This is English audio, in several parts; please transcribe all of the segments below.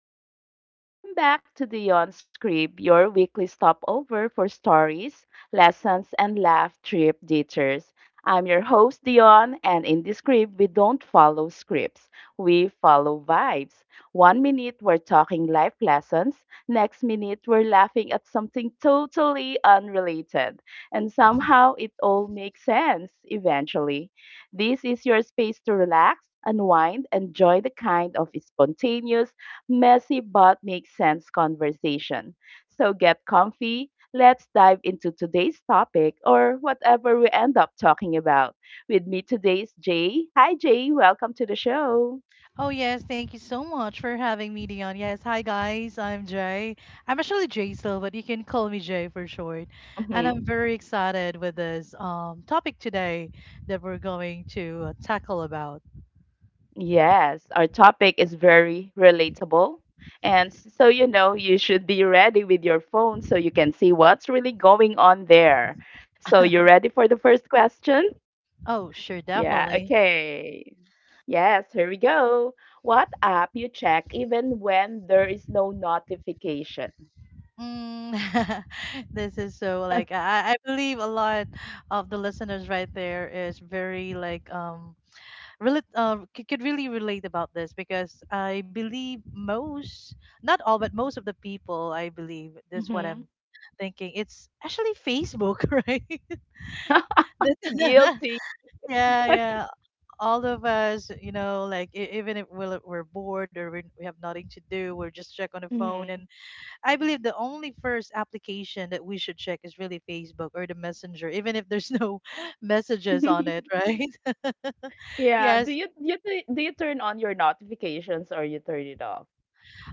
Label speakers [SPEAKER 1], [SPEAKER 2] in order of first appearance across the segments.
[SPEAKER 1] Hey, hey, welcome back to the Yon Script, your weekly stopover for stories, lessons, and laugh trip detours. I'm your host, Dion, and in this script, we don't follow scripts. We follow vibes. One minute, we're talking life lessons. Next minute, we're laughing at something totally unrelated. And somehow, it all makes sense eventually. This is your space to relax, unwind, and join the kind of spontaneous messy but makes sense conversation. So get comfy. Let's dive into today's topic or whatever we end up talking about. With me today is Jay. Hi, Jay. Welcome to the show.
[SPEAKER 2] Oh yes, thank you so much for having me, Dion. Yes, hi guys, I'm Jay. I'm actually Jay still, but you can call me Jay for short. And I'm
[SPEAKER 1] Hmm.
[SPEAKER 2] very excited with this topic today that we're going to tackle about.
[SPEAKER 1] Yes, our topic is very relatable. And so, you should be ready with your phone so you can see what's really going on there. So, you ready for the first question?
[SPEAKER 2] Oh, sure,
[SPEAKER 1] Yeah,
[SPEAKER 2] definitely.
[SPEAKER 1] okay. Yes, here we go. What app you check even when there is no notification?
[SPEAKER 2] Mm, this is so like I believe a lot of the listeners right there is very like really could really relate about this because I believe most, not all, but most of the people, I believe that's what I'm
[SPEAKER 1] Mm-hmm.
[SPEAKER 2] thinking. It's actually Facebook, right? That-
[SPEAKER 1] Guilty.
[SPEAKER 2] yeah, yeah. All of us, you know, like even if we're, like, we're bored or we have nothing to do, we're just check on the phone.
[SPEAKER 1] Mm-hmm.
[SPEAKER 2] And I believe the only first application that we should check is really Facebook or the Messenger, even if there's no messages on it, right?
[SPEAKER 1] Yeah, do
[SPEAKER 2] Yes,
[SPEAKER 1] you you tu- do you turn on your notifications or you turn it off?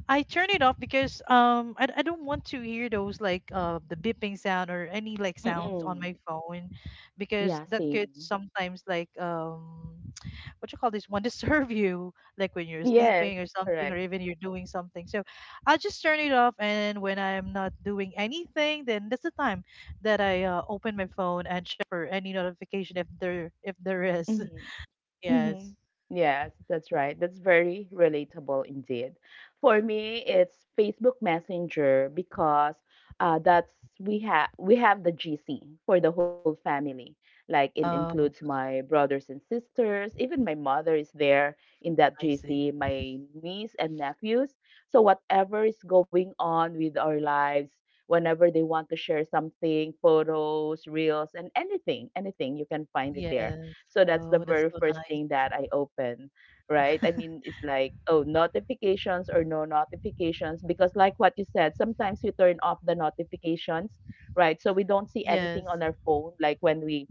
[SPEAKER 2] I turn it off because I don't want to hear those like the beeping sound or any like sounds on
[SPEAKER 1] Mm-mm.
[SPEAKER 2] my phone because
[SPEAKER 1] Yeah,
[SPEAKER 2] that could
[SPEAKER 1] same.
[SPEAKER 2] sometimes like what you call this one disturb you like when you're
[SPEAKER 1] Yes,
[SPEAKER 2] sleeping or something or
[SPEAKER 1] correct.
[SPEAKER 2] even you're doing something. So I'll just turn it off and when I'm not doing anything then that's the time that I open my phone and check for any notification if there is.
[SPEAKER 1] Mm-hmm.
[SPEAKER 2] Yes.
[SPEAKER 1] Hmm. Yes, that's right. That's very relatable indeed. For me, it's Facebook Messenger, because that's we have the GC for the whole family. Like it
[SPEAKER 2] Oh,
[SPEAKER 1] includes my brothers and sisters, even my mother is there in that
[SPEAKER 2] I see.
[SPEAKER 1] GC, my niece and nephews. So whatever is going on with our lives, whenever they want to share something, photos, reels, and anything, anything, you can find it there,
[SPEAKER 2] Yes.
[SPEAKER 1] so that's
[SPEAKER 2] Oh,
[SPEAKER 1] the
[SPEAKER 2] that's
[SPEAKER 1] very
[SPEAKER 2] so
[SPEAKER 1] first
[SPEAKER 2] nice.
[SPEAKER 1] thing that I open, right? I mean, it's like, oh, notifications or no notifications, because like what you said, sometimes we turn off the notifications, right? So we don't see
[SPEAKER 2] Yes.
[SPEAKER 1] anything on our phone, like when we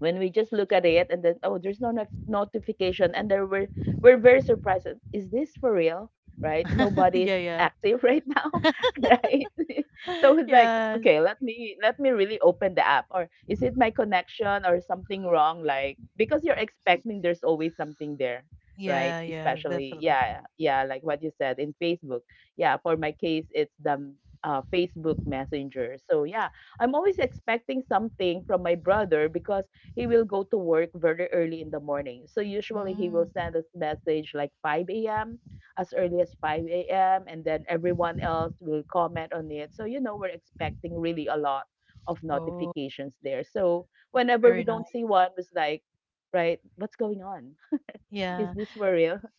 [SPEAKER 1] when we just look at it, and then, oh, there's no notification, and there were we're very surprised. Is this for real? Right,
[SPEAKER 2] Yeah,
[SPEAKER 1] nobody's
[SPEAKER 2] yeah.
[SPEAKER 1] active right now. Right. So it's like,
[SPEAKER 2] Yeah.
[SPEAKER 1] okay, let me really open the app, or is it my connection or something wrong, like, because you're expecting there's always something there, right?
[SPEAKER 2] Yeah, yeah,
[SPEAKER 1] Especially,
[SPEAKER 2] definitely.
[SPEAKER 1] yeah, yeah, like what you said, in Facebook. Yeah, for my case, it's the Facebook Messenger. So yeah, I'm always expecting something from my brother, because he will go to work very early in the morning. So usually he will
[SPEAKER 2] Mm.
[SPEAKER 1] send us message like 5 a.m., as early as 5 a.m., and then everyone else will comment on it. So you know we're expecting really a lot of
[SPEAKER 2] Oh,
[SPEAKER 1] notifications there. So
[SPEAKER 2] that's
[SPEAKER 1] whenever we
[SPEAKER 2] very
[SPEAKER 1] don't
[SPEAKER 2] nice.
[SPEAKER 1] see one, it's like, right, what's going on? Is
[SPEAKER 2] Yeah.
[SPEAKER 1] this for real?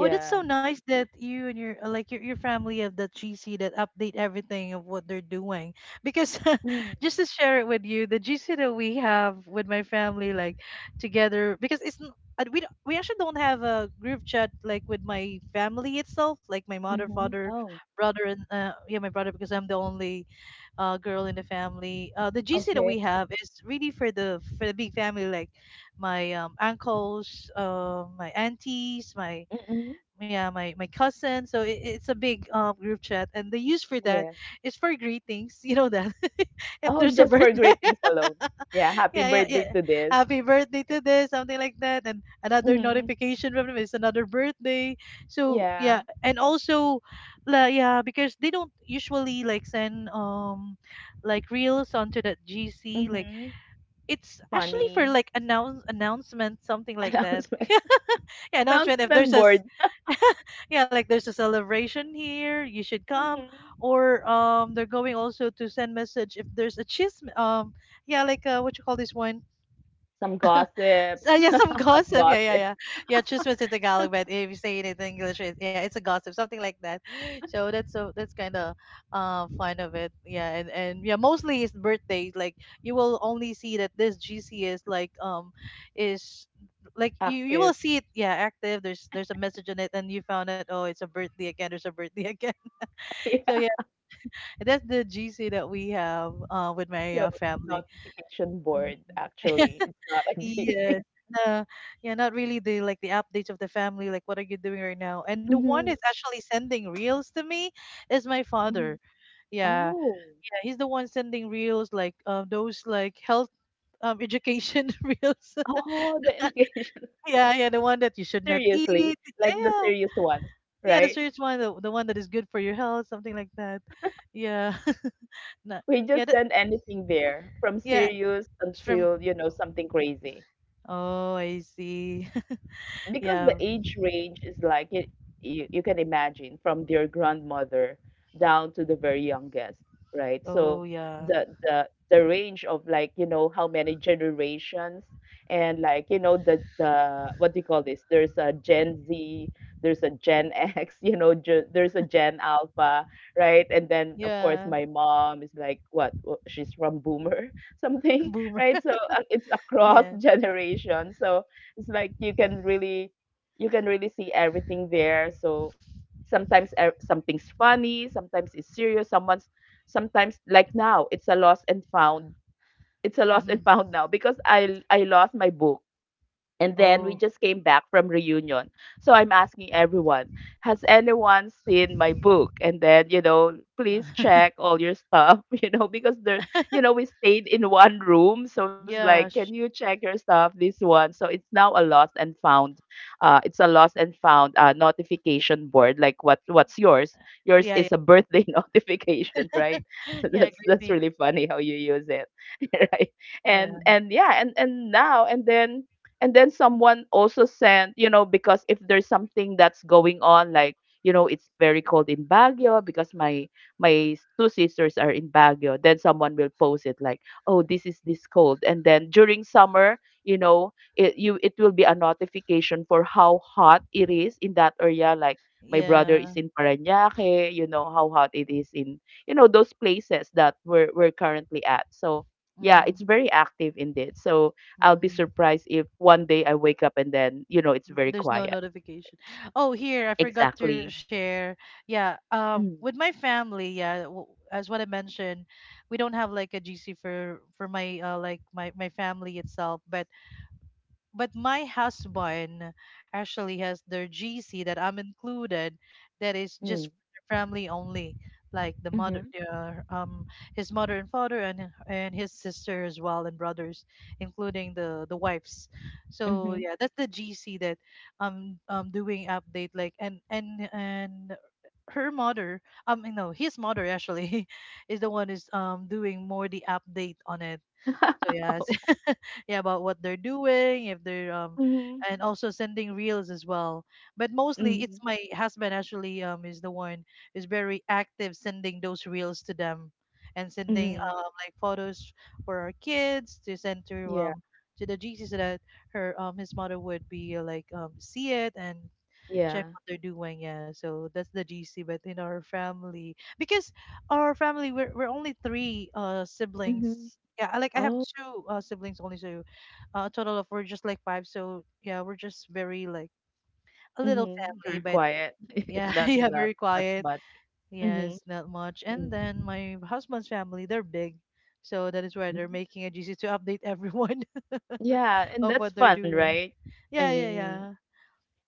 [SPEAKER 2] Oh, that's so nice that you and your like your family have that GC that update everything of what they're doing. Because just
[SPEAKER 1] Mm.
[SPEAKER 2] to share it with you, the GC that we have with my family, like together, because it's n- we don't- we actually don't have a group chat like with my family itself, like my mother,
[SPEAKER 1] Mm-hmm.
[SPEAKER 2] father,
[SPEAKER 1] Oh,
[SPEAKER 2] brother, and yeah, my brother, because I'm the only girl in the family. The GC that
[SPEAKER 1] okay.
[SPEAKER 2] we have is really for the big family, like my uncles, my aunties, my
[SPEAKER 1] Mm-mm.
[SPEAKER 2] yeah, my cousin. So it's a big group chat, and the use for that
[SPEAKER 1] Yeah.
[SPEAKER 2] is for greetings. You know that if
[SPEAKER 1] Oh,
[SPEAKER 2] there's a
[SPEAKER 1] just for
[SPEAKER 2] birthday
[SPEAKER 1] greetings alone. Yeah. Happy
[SPEAKER 2] yeah, yeah,
[SPEAKER 1] birthday
[SPEAKER 2] yeah.
[SPEAKER 1] to this.
[SPEAKER 2] Happy birthday to this, something like that, and another
[SPEAKER 1] Mm-hmm.
[SPEAKER 2] notification from them is another birthday. So yeah,
[SPEAKER 1] Yeah.
[SPEAKER 2] and also, la yeah, because they don't usually like send like reels onto that GC. Like
[SPEAKER 1] Mm-hmm.
[SPEAKER 2] it's actually for
[SPEAKER 1] Funny.
[SPEAKER 2] like announcement, something like that.
[SPEAKER 1] Announcement.
[SPEAKER 2] Yeah, announcement. If there's
[SPEAKER 1] Announcement
[SPEAKER 2] a s-
[SPEAKER 1] board.
[SPEAKER 2] Yeah, like there's a celebration here, you should come.
[SPEAKER 1] Mhm.
[SPEAKER 2] Or they're going also to send message if there's a chism yeah, like what you call this one
[SPEAKER 1] Some gossips.
[SPEAKER 2] so yeah, some
[SPEAKER 1] Not
[SPEAKER 2] gossip. Yeah, yeah,
[SPEAKER 1] gossip.
[SPEAKER 2] yeah. Yeah, Chismis in Tagalog, but if you say it in English, yeah, it's a gossip, something like that. So that's kind of fun of it. Yeah, and yeah, mostly it's birthdays. Like you will only see that this GC is is like you will
[SPEAKER 1] Active.
[SPEAKER 2] see it yeah active. There's a message in it, and you found out oh it's a birthday again. There's a birthday again. So
[SPEAKER 1] Yeah.
[SPEAKER 2] yeah, that's the GC that we have with my
[SPEAKER 1] So,
[SPEAKER 2] family.
[SPEAKER 1] notification board
[SPEAKER 2] Mm-hmm.
[SPEAKER 1] actually. It's not a
[SPEAKER 2] Yeah.
[SPEAKER 1] GC.
[SPEAKER 2] No, yeah, not really the like the updates of the family, like what are you doing right now? And the one that's
[SPEAKER 1] Mhm.
[SPEAKER 2] actually sending reels to me is my father.
[SPEAKER 1] Mhm.
[SPEAKER 2] Yeah.
[SPEAKER 1] Oh.
[SPEAKER 2] Yeah, he's the one sending reels like those like health education reels.
[SPEAKER 1] Oh, the indication.
[SPEAKER 2] Yeah, yeah, the one that you should not eat.
[SPEAKER 1] Seriously. Like the
[SPEAKER 2] Yeah, yeah.
[SPEAKER 1] serious ones,
[SPEAKER 2] Yeah,
[SPEAKER 1] right?
[SPEAKER 2] the serious one, the one that is good for your health, something like that. Yeah. Not,
[SPEAKER 1] We
[SPEAKER 2] yeah,
[SPEAKER 1] just
[SPEAKER 2] that
[SPEAKER 1] send anything there from
[SPEAKER 2] yeah,
[SPEAKER 1] serious
[SPEAKER 2] it's from
[SPEAKER 1] until, you know, something crazy.
[SPEAKER 2] Oh, I see.
[SPEAKER 1] Because the
[SPEAKER 2] Yeah.
[SPEAKER 1] age range is like, you can imagine, from their grandmother down to the very youngest, right? So
[SPEAKER 2] Oh, yeah.
[SPEAKER 1] the range of, like you know, how many generations. And like, you know, the what do you call this, there's a Gen Z, there's a Gen X, you know, there's a Gen Alpha, right? And then of course
[SPEAKER 2] Yeah.
[SPEAKER 1] my mom is like, she's from Boomer something,
[SPEAKER 2] Boomer.
[SPEAKER 1] right, so it's across
[SPEAKER 2] Yeah.
[SPEAKER 1] generation. So it's like, you can really see everything there. So sometimes something's funny, sometimes it's serious, someone's sometimes like now it's a lost and found. It's a lost and found now, because I lost my book, and then we
[SPEAKER 2] Oh,
[SPEAKER 1] just came back from reunion. So I'm asking everyone, has anyone seen my book? And then, please check all your stuff, because there, we stayed in one room. So it's
[SPEAKER 2] yeah,
[SPEAKER 1] like,
[SPEAKER 2] sh-
[SPEAKER 1] can you check your stuff? This one. So it's now a lost and found. It's a lost and found notification board. Like what's yours? Yours
[SPEAKER 2] yeah, yeah,
[SPEAKER 1] is a birthday notification, right? So
[SPEAKER 2] yeah.
[SPEAKER 1] that's
[SPEAKER 2] Great
[SPEAKER 1] that's
[SPEAKER 2] things.
[SPEAKER 1] really funny how you use it. Right.
[SPEAKER 2] Yeah,
[SPEAKER 1] And yeah, and now and then someone also sent, because if there's something that's going on, like, you know it's very cold in Baguio, because my two sisters are in Baguio, then someone will post it like, oh, this is this cold. And then during summer, you know, it will be a notification for how hot it is in that area. Like, my brother
[SPEAKER 2] yeah.
[SPEAKER 1] is in Parañaque, you know how hot it is in, you know, those places that we're currently at. So yeah,
[SPEAKER 2] Mm-hmm.
[SPEAKER 1] it's very active indeed. So I'll be
[SPEAKER 2] Mm,
[SPEAKER 1] surprised if one day I wake up, and then, you know, it's very
[SPEAKER 2] there's no
[SPEAKER 1] quiet.
[SPEAKER 2] notification. Oh, here I forgot to
[SPEAKER 1] Exactly.
[SPEAKER 2] share. Yeah,
[SPEAKER 1] Mm,
[SPEAKER 2] with my family, yeah, w as what I mentioned, we don't have like a GC for my like my family itself, but my husband actually has their GC that I'm included that is just for
[SPEAKER 1] mm,
[SPEAKER 2] the family only like
[SPEAKER 1] mhm,
[SPEAKER 2] his mother and father and his sister as well and brothers including the wives so
[SPEAKER 1] mhm.
[SPEAKER 2] yeah that's the GC that I'm doing update like and her mother no his mother actually is the one is doing more the update on it so yes
[SPEAKER 1] Oh.
[SPEAKER 2] yeah about what they're doing if they're
[SPEAKER 1] Mhm,
[SPEAKER 2] and also sending reels as well but mostly it's
[SPEAKER 1] mm-hmm.
[SPEAKER 2] my husband actually is the one is very active sending those reels to them and sending
[SPEAKER 1] Mm-hmm.
[SPEAKER 2] like photos for our kids to send
[SPEAKER 1] Yeah.
[SPEAKER 2] to the GC so that her his mother would be like see it and check
[SPEAKER 1] Yeah.
[SPEAKER 2] what they're doing. Yeah, so that's the GC. But in our family, because our family we're only three siblings.
[SPEAKER 1] Mhm.
[SPEAKER 2] Yeah, like I have
[SPEAKER 1] Oh,
[SPEAKER 2] two siblings only, so a total of we're just like five. So yeah, we're just very like a little
[SPEAKER 1] mm-hmm.
[SPEAKER 2] family,
[SPEAKER 1] Very
[SPEAKER 2] but
[SPEAKER 1] quiet.
[SPEAKER 2] yeah,
[SPEAKER 1] not
[SPEAKER 2] yeah, very
[SPEAKER 1] not not
[SPEAKER 2] quiet.
[SPEAKER 1] much.
[SPEAKER 2] Yes,
[SPEAKER 1] Mm-hmm.
[SPEAKER 2] not much. And
[SPEAKER 1] Mm.
[SPEAKER 2] then my husband's family, they're big, so that is why they're
[SPEAKER 1] Mhm.
[SPEAKER 2] making a GC to update everyone
[SPEAKER 1] Yeah,
[SPEAKER 2] of
[SPEAKER 1] and
[SPEAKER 2] what
[SPEAKER 1] that's
[SPEAKER 2] they're
[SPEAKER 1] fun,
[SPEAKER 2] doing.
[SPEAKER 1] right? I
[SPEAKER 2] Yeah, yeah,
[SPEAKER 1] mean,
[SPEAKER 2] yeah.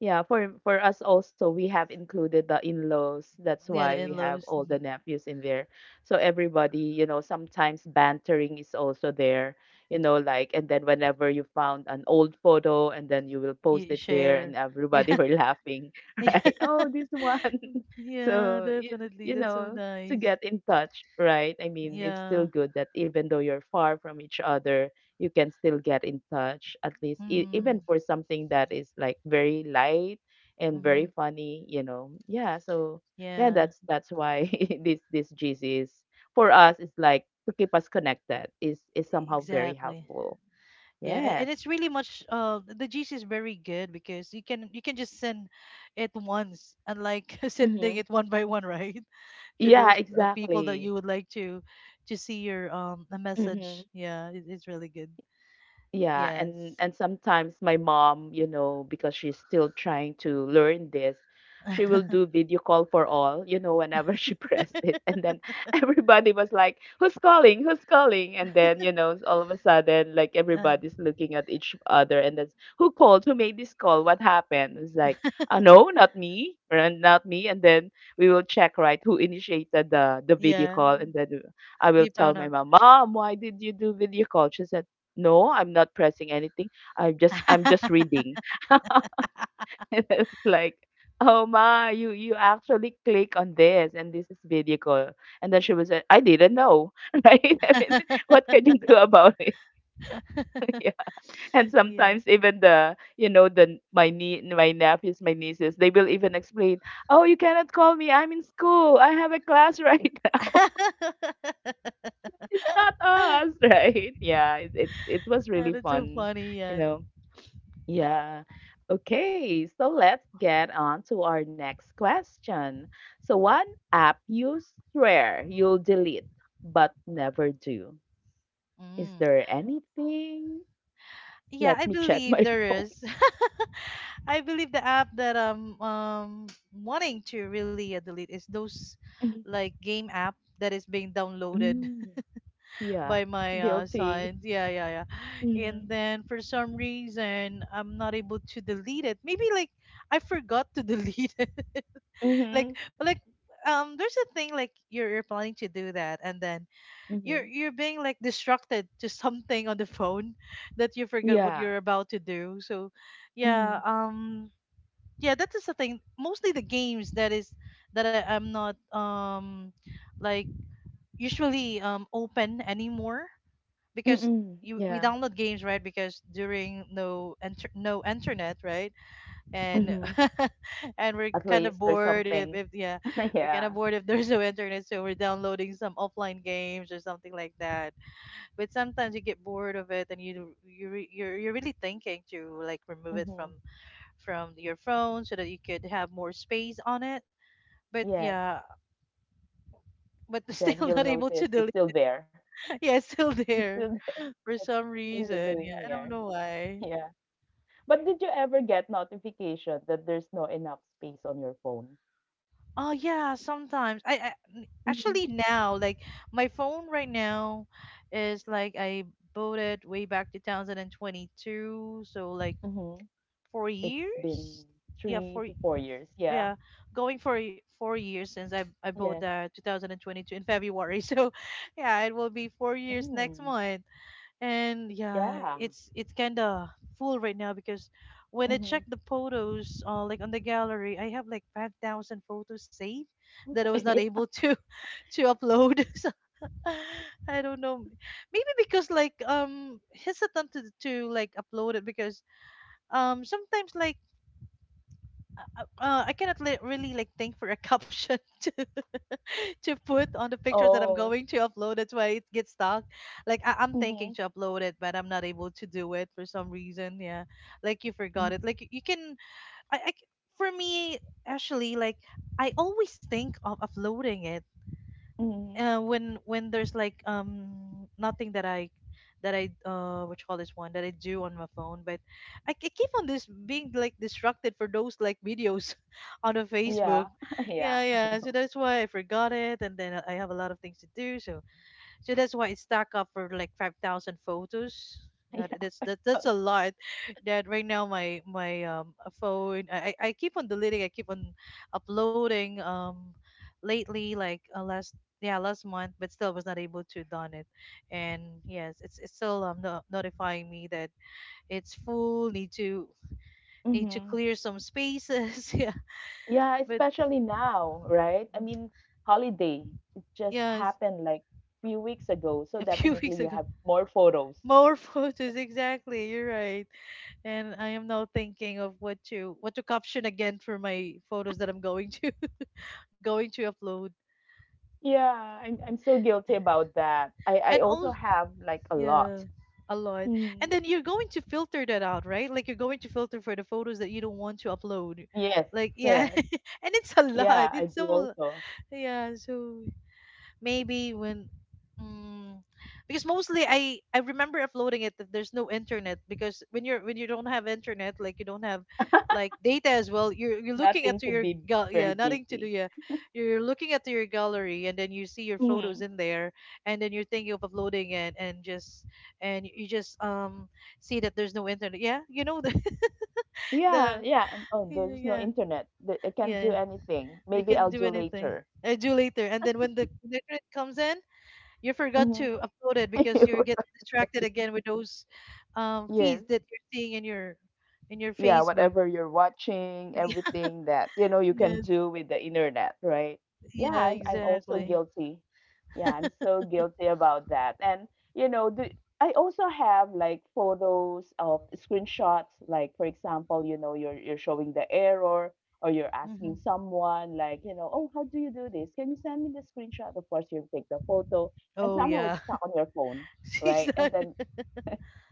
[SPEAKER 1] yeah, for us also, we have included the in-laws. That's
[SPEAKER 2] Yeah, the
[SPEAKER 1] why we have
[SPEAKER 2] in-laws,
[SPEAKER 1] all the nephews in there. So everybody, sometimes bantering is also there, like, and then whenever you found an old photo and then you will post
[SPEAKER 2] you
[SPEAKER 1] it there
[SPEAKER 2] share.
[SPEAKER 1] and everybody
[SPEAKER 2] Yeah.
[SPEAKER 1] were laughing, right? Oh,
[SPEAKER 2] Yeah.
[SPEAKER 1] this one.
[SPEAKER 2] Yeah,
[SPEAKER 1] So you
[SPEAKER 2] definitely.
[SPEAKER 1] you
[SPEAKER 2] That's so
[SPEAKER 1] know, to
[SPEAKER 2] nice.
[SPEAKER 1] get in touch, right? I mean, it's still
[SPEAKER 2] Yeah.
[SPEAKER 1] good that even though you're far from each other, you can still get in touch at least even
[SPEAKER 2] Mm,
[SPEAKER 1] for something that is like very light and
[SPEAKER 2] mm-hmm.
[SPEAKER 1] very funny. Yeah. So yeah,
[SPEAKER 2] Yeah,
[SPEAKER 1] that's why this GC is, for us, it's like, to keep us connected is somehow very
[SPEAKER 2] exactly.
[SPEAKER 1] helpful.
[SPEAKER 2] Yeah, and
[SPEAKER 1] Yes.
[SPEAKER 2] it's really much the GC is very good because you can just send it once unlike sending
[SPEAKER 1] Mm-hmm.
[SPEAKER 2] it one by one, right? To
[SPEAKER 1] Yeah,
[SPEAKER 2] those people that you
[SPEAKER 1] exactly.
[SPEAKER 2] would like to see your a
[SPEAKER 1] Hmm.
[SPEAKER 2] message. Yeah, it's really good.
[SPEAKER 1] Yeah, and
[SPEAKER 2] Yes.
[SPEAKER 1] and sometimes my mom, because she's still trying to learn this, she will do video call for all, whenever she pressed it. And then everybody was like, "Who's calling? Who's calling?" And then, all of a sudden, like,
[SPEAKER 2] uh,
[SPEAKER 1] everybody's looking at each other and that's, "Who called? Who made this call? What happened?" It's like, no, not me, or, not me." And then we will check, right, who initiated the video
[SPEAKER 2] yeah,
[SPEAKER 1] call, and then I will
[SPEAKER 2] you
[SPEAKER 1] tell my
[SPEAKER 2] found
[SPEAKER 1] mom, "Mom, why did you do video call?" She said no, I'm not pressing anything, I'm just
[SPEAKER 2] out.
[SPEAKER 1] reading. And it's like, oh ma, you actually click on this, and this is video call. And then she was like, I didn't know, right, I mean, what can you do about it? Yeah. And
[SPEAKER 2] Yeah.
[SPEAKER 1] sometimes even the you know the my nephews, my nieces, they will even explain, oh you cannot call me, I'm in school, I have a class right now. It's not us, right? Yeah, it was
[SPEAKER 2] Yeah,
[SPEAKER 1] really
[SPEAKER 2] that's so
[SPEAKER 1] fun
[SPEAKER 2] funny,
[SPEAKER 1] you
[SPEAKER 2] yes.
[SPEAKER 1] know Yeah. Okay, so let's get on to our next question. So, one app you swear you'll delete but never do. Is
[SPEAKER 2] Mm.
[SPEAKER 1] there anything?
[SPEAKER 2] Yeah,
[SPEAKER 1] Let
[SPEAKER 2] I
[SPEAKER 1] me check
[SPEAKER 2] believe
[SPEAKER 1] my
[SPEAKER 2] there
[SPEAKER 1] phone.
[SPEAKER 2] is. I believe the app that I'm wanting to really delete is those
[SPEAKER 1] Mm,
[SPEAKER 2] like game app that is being downloaded
[SPEAKER 1] mm.
[SPEAKER 2] by
[SPEAKER 1] Yeah,
[SPEAKER 2] my son.
[SPEAKER 1] guilty.
[SPEAKER 2] Yeah, yeah, yeah. And
[SPEAKER 1] Mm-hmm.
[SPEAKER 2] then for some reason I'm not able to delete it. Maybe like I forgot to delete it. like
[SPEAKER 1] Mm-hmm.
[SPEAKER 2] like there's a thing like you're planning to do that and then
[SPEAKER 1] Mm-hmm.
[SPEAKER 2] you're being like distracted to something on the phone that you forget what you're
[SPEAKER 1] Yeah.
[SPEAKER 2] about to do so yeah
[SPEAKER 1] Mm-hmm.
[SPEAKER 2] yeah that is the thing mostly the games that is that I'm not like usually open anymore because
[SPEAKER 1] Mm-mm.
[SPEAKER 2] we
[SPEAKER 1] Yeah.
[SPEAKER 2] download games right because during no internet right and
[SPEAKER 1] Mm-hmm.
[SPEAKER 2] and we're
[SPEAKER 1] At
[SPEAKER 2] kind of
[SPEAKER 1] least there's
[SPEAKER 2] bored if
[SPEAKER 1] something.
[SPEAKER 2] yeah we're kind of
[SPEAKER 1] Yeah.
[SPEAKER 2] bored if there's no internet so we're downloading some offline games or something like that but sometimes you get bored of it and you're really thinking to like remove it
[SPEAKER 1] Mm-hmm.
[SPEAKER 2] from your phone so that you could have more space on it but
[SPEAKER 1] Yes.
[SPEAKER 2] yeah but still
[SPEAKER 1] Then you'll
[SPEAKER 2] not able to
[SPEAKER 1] notice
[SPEAKER 2] delete
[SPEAKER 1] it's still there.
[SPEAKER 2] yeah it's still
[SPEAKER 1] It's
[SPEAKER 2] there
[SPEAKER 1] still there.
[SPEAKER 2] for
[SPEAKER 1] Like,
[SPEAKER 2] some
[SPEAKER 1] what is it
[SPEAKER 2] reason yeah
[SPEAKER 1] doing
[SPEAKER 2] I don't
[SPEAKER 1] here?
[SPEAKER 2] know why
[SPEAKER 1] Yeah. But did you ever get notification that there's no enough space on your phone?
[SPEAKER 2] oh yeah sometimes I
[SPEAKER 1] Mhm.
[SPEAKER 2] actually now like my phone right now is like I bought it way back to 2022 so like
[SPEAKER 1] Mm-hmm.
[SPEAKER 2] four
[SPEAKER 1] It's been
[SPEAKER 2] years yeah
[SPEAKER 1] three
[SPEAKER 2] four
[SPEAKER 1] to four years. Yeah.
[SPEAKER 2] yeah going for 4 years since i bought
[SPEAKER 1] Yes.
[SPEAKER 2] the 2022 in february so yeah it will be 4 years next
[SPEAKER 1] Mm.
[SPEAKER 2] month and yeah
[SPEAKER 1] Yeah.
[SPEAKER 2] it's kind of full right now because when I
[SPEAKER 1] Mm-hmm.
[SPEAKER 2] check the photos like on the gallery I have like 5000 photos saved that I was not
[SPEAKER 1] Yeah.
[SPEAKER 2] able to to upload so I don't know maybe because like hesitant to like upload it because sometimes like I cannot really like think for a caption to put on the pictures that I'm
[SPEAKER 1] Oh.
[SPEAKER 2] going to upload. That's why it gets stuck. Like I'm
[SPEAKER 1] Mm-hmm.
[SPEAKER 2] thinking to upload it, but I'm not able to do it for some reason. Yeah, like you forgot it. Like you can. I, I c- for me actually like I always think of uploading it
[SPEAKER 1] Mm-hmm.
[SPEAKER 2] when there's like nothing that I that I what you call this one that I do on my phone, but I keep on this being like distracted for those like videos on the Facebook.
[SPEAKER 1] Yeah. Yeah.
[SPEAKER 2] Yeah,
[SPEAKER 1] I
[SPEAKER 2] yeah. So
[SPEAKER 1] know.
[SPEAKER 2] that's why I forgot it, and then I have a lot of things to do, so so that's why it stacked up for like 5,000 photos. God,
[SPEAKER 1] Yeah.
[SPEAKER 2] that's a lot. That right now my phone I keep on deleting. I keep on uploading. Lately like last month, but still was not able to done it. And yes, it's still no, notifying me that it's full. Need to
[SPEAKER 1] Mm-hmm.
[SPEAKER 2] clear some spaces. Yeah,
[SPEAKER 1] Yeah,
[SPEAKER 2] but
[SPEAKER 1] especially now, right? I mean, holiday. It just
[SPEAKER 2] yes,
[SPEAKER 1] happened like few weeks ago. So
[SPEAKER 2] a few
[SPEAKER 1] definitely you
[SPEAKER 2] weeks
[SPEAKER 1] have
[SPEAKER 2] ago
[SPEAKER 1] more photos.
[SPEAKER 2] more photos. Exactly, you're right. And I am now thinking of what to caption again for my photos that I'm going to going to upload.
[SPEAKER 1] Yeah, I'm so guilty about that. I
[SPEAKER 2] And
[SPEAKER 1] also
[SPEAKER 2] all,
[SPEAKER 1] have like a
[SPEAKER 2] yeah,
[SPEAKER 1] lot.
[SPEAKER 2] a lot.
[SPEAKER 1] Hmm.
[SPEAKER 2] And then you're going to filter that out, right? Like you're going to filter for the photos that you don't want to upload.
[SPEAKER 1] Yes,
[SPEAKER 2] Like, yeah,
[SPEAKER 1] correct.
[SPEAKER 2] and it's a
[SPEAKER 1] Yeah,
[SPEAKER 2] lot.
[SPEAKER 1] I do
[SPEAKER 2] It's so,
[SPEAKER 1] also.
[SPEAKER 2] yeah. So maybe when, mm, because mostly I remember uploading it that there's no internet, because when you don't have internet, like you don't have like data as well, you're looking
[SPEAKER 1] Nothing
[SPEAKER 2] at
[SPEAKER 1] to
[SPEAKER 2] your
[SPEAKER 1] be
[SPEAKER 2] gal
[SPEAKER 1] very
[SPEAKER 2] yeah, nothing to
[SPEAKER 1] busy.
[SPEAKER 2] do, yeah, you're looking at your gallery, and then you see your
[SPEAKER 1] Hmm.
[SPEAKER 2] photos in there, and then you're thinking of uploading it, and just, and you just see that there's no internet. Yeah, you know, the
[SPEAKER 1] Yeah,
[SPEAKER 2] the,
[SPEAKER 1] yeah. And oh, there's no
[SPEAKER 2] yeah,
[SPEAKER 1] internet. I
[SPEAKER 2] yeah,
[SPEAKER 1] can't do
[SPEAKER 2] yeah,
[SPEAKER 1] anything.
[SPEAKER 2] they
[SPEAKER 1] Maybe
[SPEAKER 2] can
[SPEAKER 1] I'll
[SPEAKER 2] do
[SPEAKER 1] do
[SPEAKER 2] anything.
[SPEAKER 1] later.
[SPEAKER 2] I do later, and then when the internet comes in, you forgot
[SPEAKER 1] Mm-hmm.
[SPEAKER 2] to upload it because you get distracted again with those feeds
[SPEAKER 1] Yes.
[SPEAKER 2] that you're seeing in your
[SPEAKER 1] Yeah,
[SPEAKER 2] Facebook.
[SPEAKER 1] whatever you're watching, everything that you know you can
[SPEAKER 2] Yes.
[SPEAKER 1] do with the internet, right? Yeah,
[SPEAKER 2] Yeah.
[SPEAKER 1] I'm also
[SPEAKER 2] Exactly.
[SPEAKER 1] guilty. Yeah, I'm so guilty about that. And you know, the, I also have like photos of screenshots, like for example, you're showing the error, or you're
[SPEAKER 2] Hmm.
[SPEAKER 1] asking someone like, oh, how do you do this? Can you send me the screenshot? Of course, you take the photo, and
[SPEAKER 2] Oh
[SPEAKER 1] somehow it's
[SPEAKER 2] yeah.
[SPEAKER 1] stuck on your phone, right? And
[SPEAKER 2] Exactly.
[SPEAKER 1] then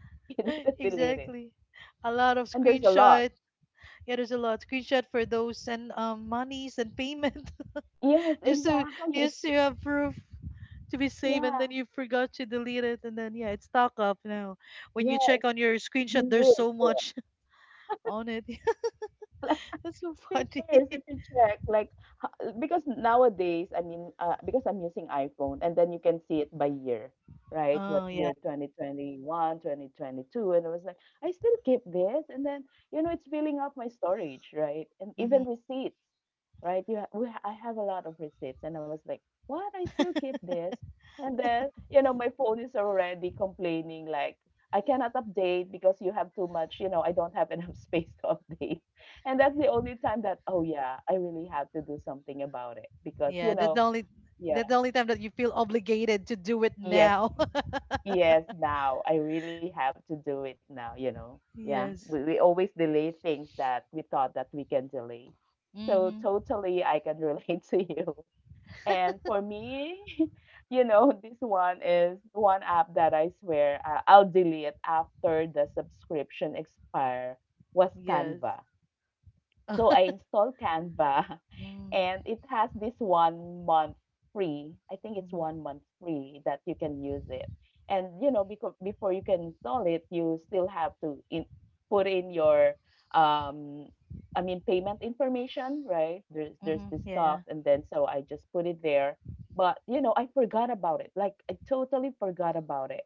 [SPEAKER 1] you need to delete it.
[SPEAKER 2] Exactly. A lot of
[SPEAKER 1] And there's a lot.
[SPEAKER 2] screenshot. Yeah, there's a lot screenshot for those and monies and payment,
[SPEAKER 1] Yes,
[SPEAKER 2] just to
[SPEAKER 1] exactly.
[SPEAKER 2] just to have proof, to be safe, and
[SPEAKER 1] Yeah.
[SPEAKER 2] then you forgot to delete it, and then yeah, it's stock up now. When you
[SPEAKER 1] Yeah,
[SPEAKER 2] check on your screenshot,
[SPEAKER 1] been
[SPEAKER 2] there's so
[SPEAKER 1] years, yeah.
[SPEAKER 2] much on it. That's so
[SPEAKER 1] Been
[SPEAKER 2] funny.
[SPEAKER 1] years if you check like because nowadays because I'm using iPhone and then you can see it by year, right? What
[SPEAKER 2] Oh yeah.
[SPEAKER 1] year? 2021, 2022, and I was like, I still keep this. And then you know it's filling up my storage, right? And even
[SPEAKER 2] Hmm.
[SPEAKER 1] receipts, right? you ha- we, ha- I have a lot of receipts and I was like, what, I still keep this. And then you know my phone is already complaining like, I cannot update because you have too much, you know, I don't have enough space to update. And that's the only time that, oh yeah, I really have to do something about it because,
[SPEAKER 2] Yeah,
[SPEAKER 1] you know, yeah,
[SPEAKER 2] that's the only time that you feel obligated to do it
[SPEAKER 1] yes,
[SPEAKER 2] now.
[SPEAKER 1] yes, now I really have to do it now, you know. Yeah,
[SPEAKER 2] Yes.
[SPEAKER 1] we always delay things that we thought that we can delay. So
[SPEAKER 2] Mm-hmm.
[SPEAKER 1] totally, I can relate to you. And for me, you know, this one is one app that I swear I'll delete after the subscription expire, was
[SPEAKER 2] Yes.
[SPEAKER 1] Canva. So I installed Canva
[SPEAKER 2] Mm-hmm.
[SPEAKER 1] and it has this 1 month free. I think it's 1 month free that you can use it. And you know, because before you can install it, you still have put in your um I mean payment information, right? There's
[SPEAKER 2] Mm-hmm.
[SPEAKER 1] this
[SPEAKER 2] Yeah.
[SPEAKER 1] stuff and then so I just put it there. But you know, I forgot about it. Like I totally forgot about it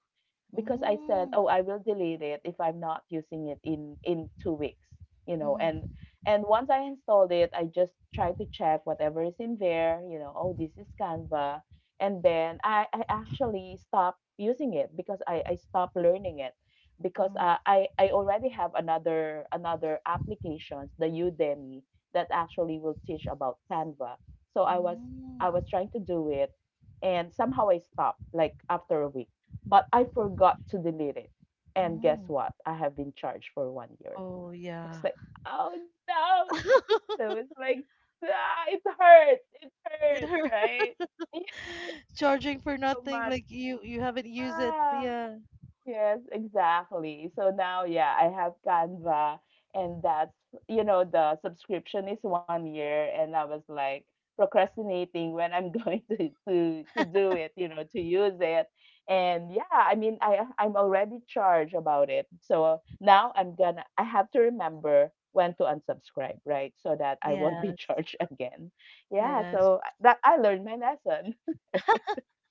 [SPEAKER 1] because I said,
[SPEAKER 2] Mm-hmm.
[SPEAKER 1] "Oh, I will delete it if I'm not using it in 2 weeks." You know,
[SPEAKER 2] Mm-hmm.
[SPEAKER 1] and once I installed it, I just try to check whatever is in there, you know, oh, this is Canva. And then I actually stopped using it because I stopped learning it because
[SPEAKER 2] Mm-hmm.
[SPEAKER 1] I already have another applications, the Udemy, that actually will teach about Canva. So I was, I was trying to do it and somehow I stopped like after a week. But I forgot to delete it. And guess
[SPEAKER 2] Mm-hmm.
[SPEAKER 1] what? I have been charged for 1 year. I
[SPEAKER 2] Oh yeah.
[SPEAKER 1] was like, oh no. So it's like, ah, it hurts. It
[SPEAKER 2] It
[SPEAKER 1] hurts,
[SPEAKER 2] hurt.
[SPEAKER 1] right? Thank
[SPEAKER 2] Charging for
[SPEAKER 1] you so
[SPEAKER 2] nothing,
[SPEAKER 1] much.
[SPEAKER 2] like you haven't used it.
[SPEAKER 1] Ah.
[SPEAKER 2] Yeah.
[SPEAKER 1] Yes, exactly. So now, yeah, I have Canva, and that's, you know, the subscription is 1 year, and I was like procrastinating when I'm going to do it, you know, to use it. And yeah, I mean, I'm already charged about it. So now I have to remember when to unsubscribe, right? So that I won't be
[SPEAKER 2] Yes.
[SPEAKER 1] charged again. Yeah,
[SPEAKER 2] Yes.
[SPEAKER 1] so that I learned my lesson.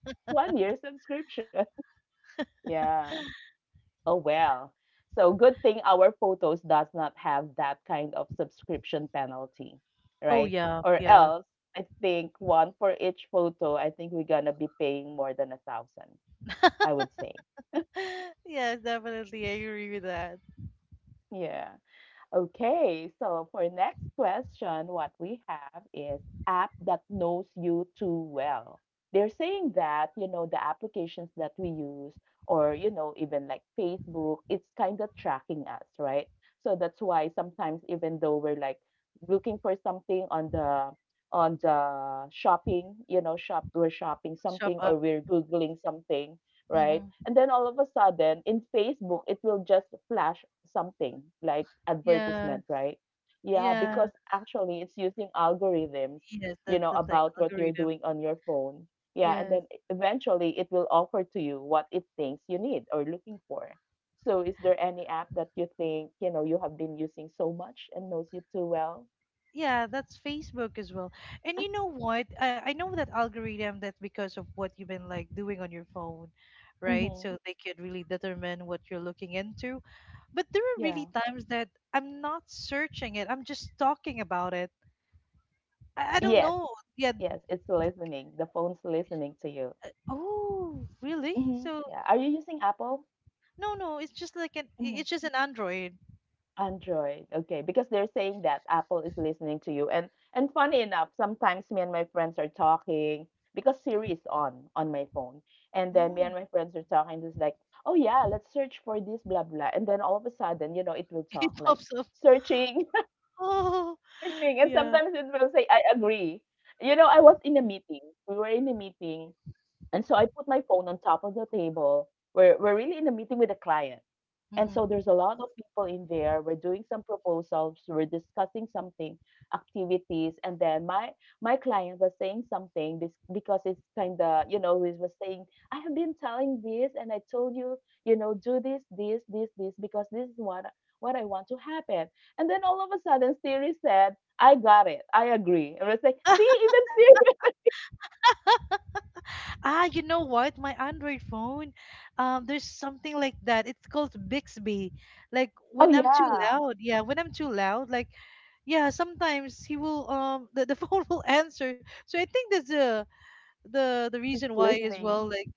[SPEAKER 1] 1 year subscription. Yeah. Oh well. So good thing our photos does not have that kind of subscription penalty,
[SPEAKER 2] Oh
[SPEAKER 1] right?
[SPEAKER 2] yeah.
[SPEAKER 1] Or
[SPEAKER 2] Yeah.
[SPEAKER 1] else I think one for each photo, I think we're gonna be paying more than a thousand, I would say.
[SPEAKER 2] Yes, definitely. I agree with that.
[SPEAKER 1] Yeah. Okay, so for next question, what we have is app that knows you too well. They're saying that, you know, the applications that we use or, you know, even like Facebook, it's kind of tracking us, right? So that's why sometimes even though we're like looking for something on the shopping, you know, shop we're shopping
[SPEAKER 2] Shop
[SPEAKER 1] something or
[SPEAKER 2] up.
[SPEAKER 1] we're googling something, right?
[SPEAKER 2] Mm-hmm.
[SPEAKER 1] And then all of a sudden in Facebook, it will just flash something like advertisement,
[SPEAKER 2] Yeah.
[SPEAKER 1] right? Yeah, because
[SPEAKER 2] Yeah,
[SPEAKER 1] actually it's using algorithms,
[SPEAKER 2] yes,
[SPEAKER 1] you know,
[SPEAKER 2] that's the thing.
[SPEAKER 1] about what you're
[SPEAKER 2] Algorithm.
[SPEAKER 1] doing on your phone. Yeah, and then
[SPEAKER 2] Yes.
[SPEAKER 1] eventually it will offer to you what it thinks you need or looking for. So is there any app that you think, you know, you have been using so much and knows you too well?
[SPEAKER 2] Yeah, that's Facebook as well. And you know what? I know that algorithm, that's because of what you've been like doing on your phone, right?
[SPEAKER 1] Mm-hmm.
[SPEAKER 2] So they could really determine what you're looking into. But there are
[SPEAKER 1] Yeah.
[SPEAKER 2] really times that I'm not searching it. I'm just talking about it. I don't
[SPEAKER 1] Yes.
[SPEAKER 2] know. Yeah.
[SPEAKER 1] Yes, it's listening. The phone's listening to you.
[SPEAKER 2] Oh, really?
[SPEAKER 1] Mm-hmm.
[SPEAKER 2] So
[SPEAKER 1] Yeah. Are you using Apple?
[SPEAKER 2] no, no, it's just like
[SPEAKER 1] Mhm.
[SPEAKER 2] it's just an Android.
[SPEAKER 1] Android. Okay, because they're saying that Apple is listening to you. And funny enough, sometimes me and my friends are talking because Siri is on my phone. And then me
[SPEAKER 2] Mm.
[SPEAKER 1] and my friends are talking just like, "Oh yeah, let's search for this blah blah." And then all of a sudden, you know, it will
[SPEAKER 2] It
[SPEAKER 1] talk like
[SPEAKER 2] pops up.
[SPEAKER 1] searching,
[SPEAKER 2] Oh,
[SPEAKER 1] searching. And
[SPEAKER 2] yeah.
[SPEAKER 1] sometimes it will say, "I agree." You know, I was in a meeting. We were in a meeting, and so I put my phone on top of the table. We're really in a meeting with a client. And
[SPEAKER 2] Hmm.
[SPEAKER 1] so there's a lot of people in there. We're doing some proposals, we're discussing something, activities, and then my client was saying something because it's kind of you know he was saying, I have been telling this and I told you, you know, do this this this this because this is what I want to happen. And then all of a sudden Siri said, I got it, I agree. And I was like, see, even Siri.
[SPEAKER 2] Ah, you know what? My Android phone, there's something like that. It's called Bixby. Like,
[SPEAKER 1] Oh
[SPEAKER 2] when I'm too
[SPEAKER 1] yeah,
[SPEAKER 2] loud, yeah, when I'm too loud, like, yeah, sometimes he will the phone will answer. So I think that's the the
[SPEAKER 1] it's
[SPEAKER 2] reason why as
[SPEAKER 1] listening.
[SPEAKER 2] well. Like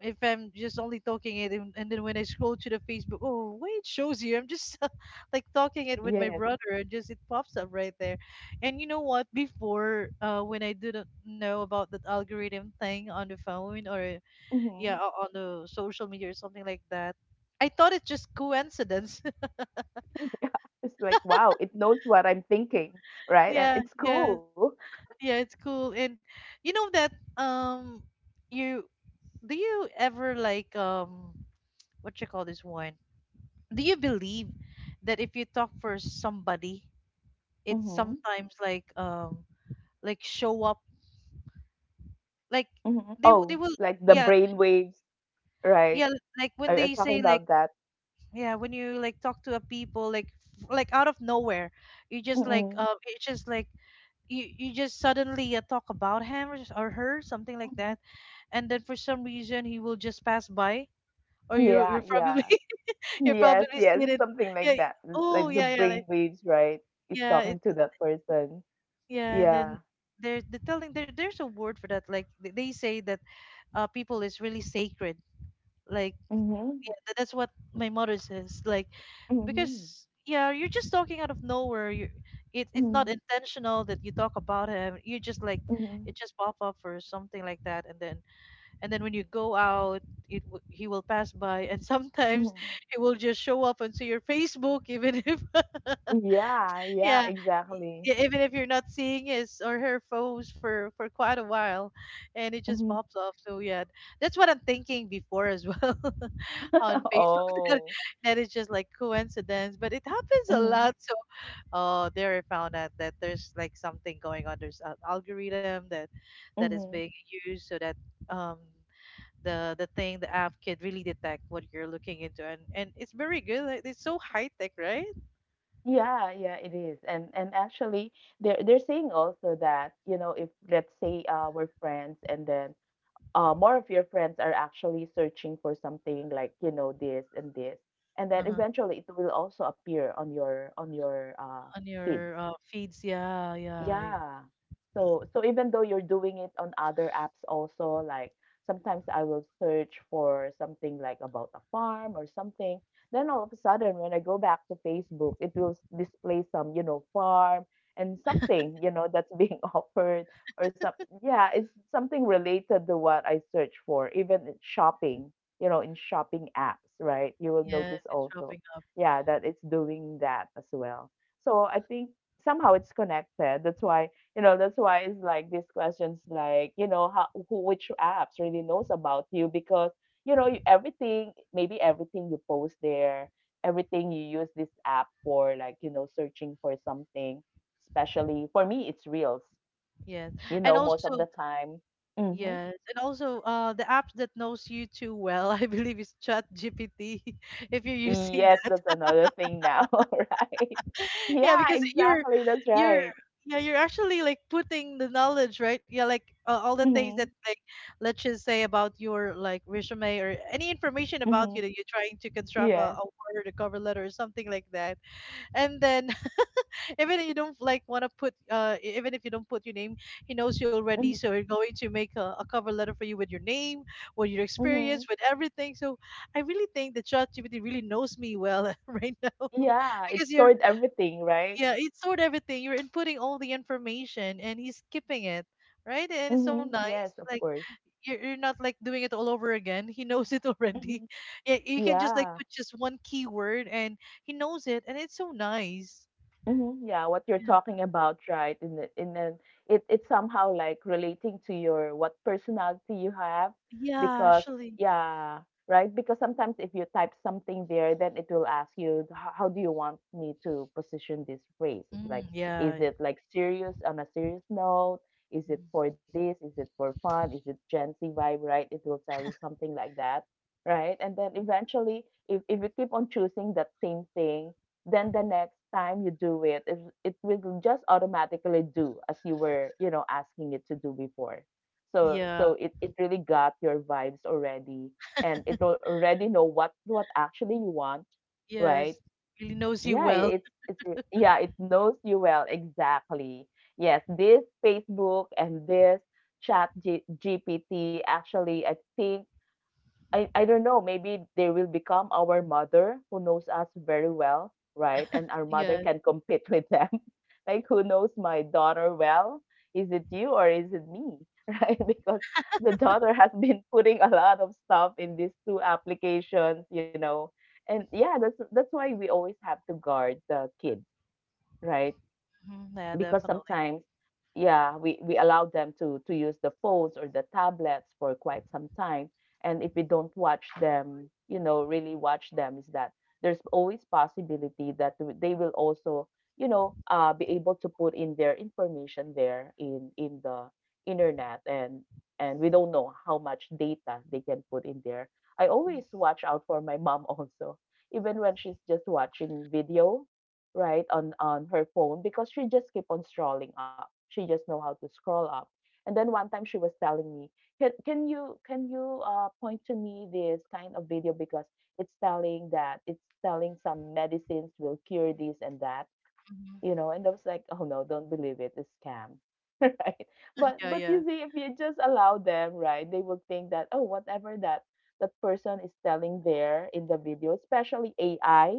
[SPEAKER 2] if I'm just only talking it, and then when I scroll to the Facebook, oh wait, it shows you. I'm just like talking it with my
[SPEAKER 1] Yes.
[SPEAKER 2] brother, and just it pops up right there. And you know what? Before, when I didn't know about that algorithm thing on the phone, or yeah,
[SPEAKER 1] Hmm.
[SPEAKER 2] on the social media or something like that, I thought it's just coincidence.
[SPEAKER 1] Yeah, it's like, wow, it knows what I'm thinking, right? And
[SPEAKER 2] Yeah,
[SPEAKER 1] it's
[SPEAKER 2] yeah,
[SPEAKER 1] cool.
[SPEAKER 2] yeah. It's cool, and you know that you do you ever like what you call this one? Do you believe that if you talk for somebody, it's
[SPEAKER 1] Hmm.
[SPEAKER 2] sometimes like show up, like
[SPEAKER 1] Hmm.
[SPEAKER 2] they
[SPEAKER 1] Oh,
[SPEAKER 2] will,
[SPEAKER 1] like the
[SPEAKER 2] yeah,
[SPEAKER 1] brain waves, right?
[SPEAKER 2] yeah, like
[SPEAKER 1] Are
[SPEAKER 2] when
[SPEAKER 1] you
[SPEAKER 2] they
[SPEAKER 1] talking
[SPEAKER 2] say
[SPEAKER 1] about
[SPEAKER 2] like,
[SPEAKER 1] that?
[SPEAKER 2] yeah, when you like talk to a people, like like out of nowhere, you just like,
[SPEAKER 1] Mm-mm.
[SPEAKER 2] it's just like, you just suddenly talk about him, or or her, something like
[SPEAKER 1] Hmm.
[SPEAKER 2] that. And then for some reason he will just pass by, or you
[SPEAKER 1] Yeah,
[SPEAKER 2] you're probably
[SPEAKER 1] yeah.
[SPEAKER 2] you're
[SPEAKER 1] Yes,
[SPEAKER 2] probably
[SPEAKER 1] yes,
[SPEAKER 2] seated,
[SPEAKER 1] something
[SPEAKER 2] yeah.
[SPEAKER 1] like that. l-
[SPEAKER 2] Oh
[SPEAKER 1] Like the
[SPEAKER 2] yeah, yeah,
[SPEAKER 1] brain
[SPEAKER 2] like,
[SPEAKER 1] waves, right? Is
[SPEAKER 2] yeah,
[SPEAKER 1] talking
[SPEAKER 2] it.
[SPEAKER 1] to that person.
[SPEAKER 2] Yeah, and
[SPEAKER 1] Yeah.
[SPEAKER 2] then they're telling, there's a word for that. Like they say that people is really sacred. Like,
[SPEAKER 1] Mm-hmm.
[SPEAKER 2] yeah, that's what my mother says. Like,
[SPEAKER 1] Mm-hmm.
[SPEAKER 2] because yeah, you're just talking out of nowhere. You it it's not
[SPEAKER 1] Mm-hmm.
[SPEAKER 2] intentional that you talk about him. You just like,
[SPEAKER 1] Mm-hmm.
[SPEAKER 2] it just pop up or something like that, and then when you go out, he will pass by, and sometimes
[SPEAKER 1] Mm-hmm.
[SPEAKER 2] he will just show up onto your Facebook, even if
[SPEAKER 1] Yeah, yeah,
[SPEAKER 2] yeah,
[SPEAKER 1] exactly.
[SPEAKER 2] yeah, even if you're not seeing his or her foes for quite a while, and it just
[SPEAKER 1] Mm-hmm.
[SPEAKER 2] pops off. So yeah, that's what I'm thinking before as well. On Facebook. That,
[SPEAKER 1] Oh.
[SPEAKER 2] that is just like coincidence, but it happens a
[SPEAKER 1] Mm-hmm.
[SPEAKER 2] lot. So oh, there, I found out that there's like something going on. There's an algorithm that is
[SPEAKER 1] Mm-hmm.
[SPEAKER 2] being used so that um. The thing, the app can really detect what you're looking into, and it's very good, like, it's so high tech, right?
[SPEAKER 1] Yeah, yeah, it is. And actually they're saying also that, you know, if let's say we're friends and then more of your friends are actually searching for something like, you know, this and this, and then
[SPEAKER 2] Uh-huh.
[SPEAKER 1] eventually it will also appear on your on your
[SPEAKER 2] On
[SPEAKER 1] feeds.
[SPEAKER 2] your feeds. Yeah, yeah.
[SPEAKER 1] Yeah. So so even though you're doing it on other apps also, like sometimes I will search for something like about a farm or something. Then all of a sudden when I go back to Facebook, it will display some, you know, farm and something, you know, that's being offered or some, yeah, it's something related to what I search for, even in shopping, you know, in shopping apps, right? You will
[SPEAKER 2] Yes,
[SPEAKER 1] notice
[SPEAKER 2] it's
[SPEAKER 1] also,
[SPEAKER 2] wrapping up.
[SPEAKER 1] yeah, that it's doing that as well. So I think somehow it's connected. That's why, you know, that's why it's like these questions like, you know, how who which apps really knows about you because, you know, you, everything, maybe everything you post there, everything you use this app for, like, you know, searching for something, especially for me, it's reels,
[SPEAKER 2] Yes.
[SPEAKER 1] you
[SPEAKER 2] And
[SPEAKER 1] know, most
[SPEAKER 2] also,
[SPEAKER 1] of the time. Hmm.
[SPEAKER 2] yes. And also, the app that knows you too well, I believe is ChatGPT, if you're using
[SPEAKER 1] Yes,
[SPEAKER 2] that.
[SPEAKER 1] that's another thing now, right?
[SPEAKER 2] Yeah,
[SPEAKER 1] Yeah,
[SPEAKER 2] because
[SPEAKER 1] exactly. That's
[SPEAKER 2] you're
[SPEAKER 1] right.
[SPEAKER 2] yeah, you're actually like putting the knowledge, right? Yeah, like all the things that,
[SPEAKER 1] Mm-hmm.
[SPEAKER 2] like, let's just say about your like resume or any information about you
[SPEAKER 1] Mm-hmm.
[SPEAKER 2] that you're trying to construct
[SPEAKER 1] Yes.
[SPEAKER 2] a word, a cover letter or something like that. And then even if you don't like want to put even if you don't put your name, he knows you already, so we're going to make a cover letter for you with your name, with your
[SPEAKER 1] Mm-hmm.
[SPEAKER 2] experience, with everything. So I really think that ChatGPT really knows me well right now,
[SPEAKER 1] Yeah, it
[SPEAKER 2] because you're,
[SPEAKER 1] stored everything, right?
[SPEAKER 2] yeah, it stored everything. You're inputting all the information, and he's skipping it, right? And it's so
[SPEAKER 1] Mhm,
[SPEAKER 2] nice,
[SPEAKER 1] yes, of
[SPEAKER 2] like
[SPEAKER 1] course.
[SPEAKER 2] you're not like doing it all over again. He knows it already.
[SPEAKER 1] Mhm.
[SPEAKER 2] Yeah, you can just like
[SPEAKER 1] Yeah.
[SPEAKER 2] put just one keyword, and he knows it, and it's so nice.
[SPEAKER 1] Mhm, yeah, what you're
[SPEAKER 2] Yeah.
[SPEAKER 1] talking about, right? In the, in then it it's somehow like relating to your what personality you have
[SPEAKER 2] Yeah,
[SPEAKER 1] because
[SPEAKER 2] actually.
[SPEAKER 1] yeah, right? Because sometimes if you type something there, then it will ask you how do you want me to position this phrase? It's
[SPEAKER 2] Mm,
[SPEAKER 1] like, is
[SPEAKER 2] yeah.
[SPEAKER 1] it like serious on a serious note? Is it
[SPEAKER 2] Mm,
[SPEAKER 1] for this? Is it for fun? Is it Gen Z vibe, right? It will tell you something like that, right? And then eventually if you keep on choosing that same thing then the next time you do it, it will just automatically do as you were, you know, asking it to do before. So
[SPEAKER 2] yeah.
[SPEAKER 1] so it really got your vibes already and already know what actually you want, right?
[SPEAKER 2] Yes. Really knows you
[SPEAKER 1] Yeah,
[SPEAKER 2] well.
[SPEAKER 1] yeah, it knows you well exactly. Yes, this Facebook and this chat G- GPT actually I think I don't know, maybe they will become our mother who knows us very well, right? And our mother
[SPEAKER 2] Yeah.
[SPEAKER 1] can compete with them. Like who knows my daughter well? Is it you or is it me? Right? Because the daughter has been putting a lot of stuff in these two applications, you know. And yeah, that's why we always have to guard the kids, right?
[SPEAKER 2] Mhm, yeah,
[SPEAKER 1] because
[SPEAKER 2] definitely.
[SPEAKER 1] sometimes, yeah, we allow them to use the phones or the tablets for quite some time. And if we don't watch them, really watch them, is that there's always possibility that they will also be able to put in their information there in the internet. And we don't know how much data they can put in there. I
[SPEAKER 2] Mhm,
[SPEAKER 1] always watch out for my mom also, even when she's just watching video, right, on her phone, because she just keep on scrolling up. She just know how to scroll up. And then one time she was telling me, Can you point to me this kind of video, because it's telling some medicines will cure this and that.
[SPEAKER 2] mhm.
[SPEAKER 1] And I was like, oh no, don't believe it, it's scam. Right? but
[SPEAKER 2] Yeah,
[SPEAKER 1] but
[SPEAKER 2] yeah.
[SPEAKER 1] you see, if you just allow them, right, they will think that, oh, whatever that person is telling there in the video, especially AI,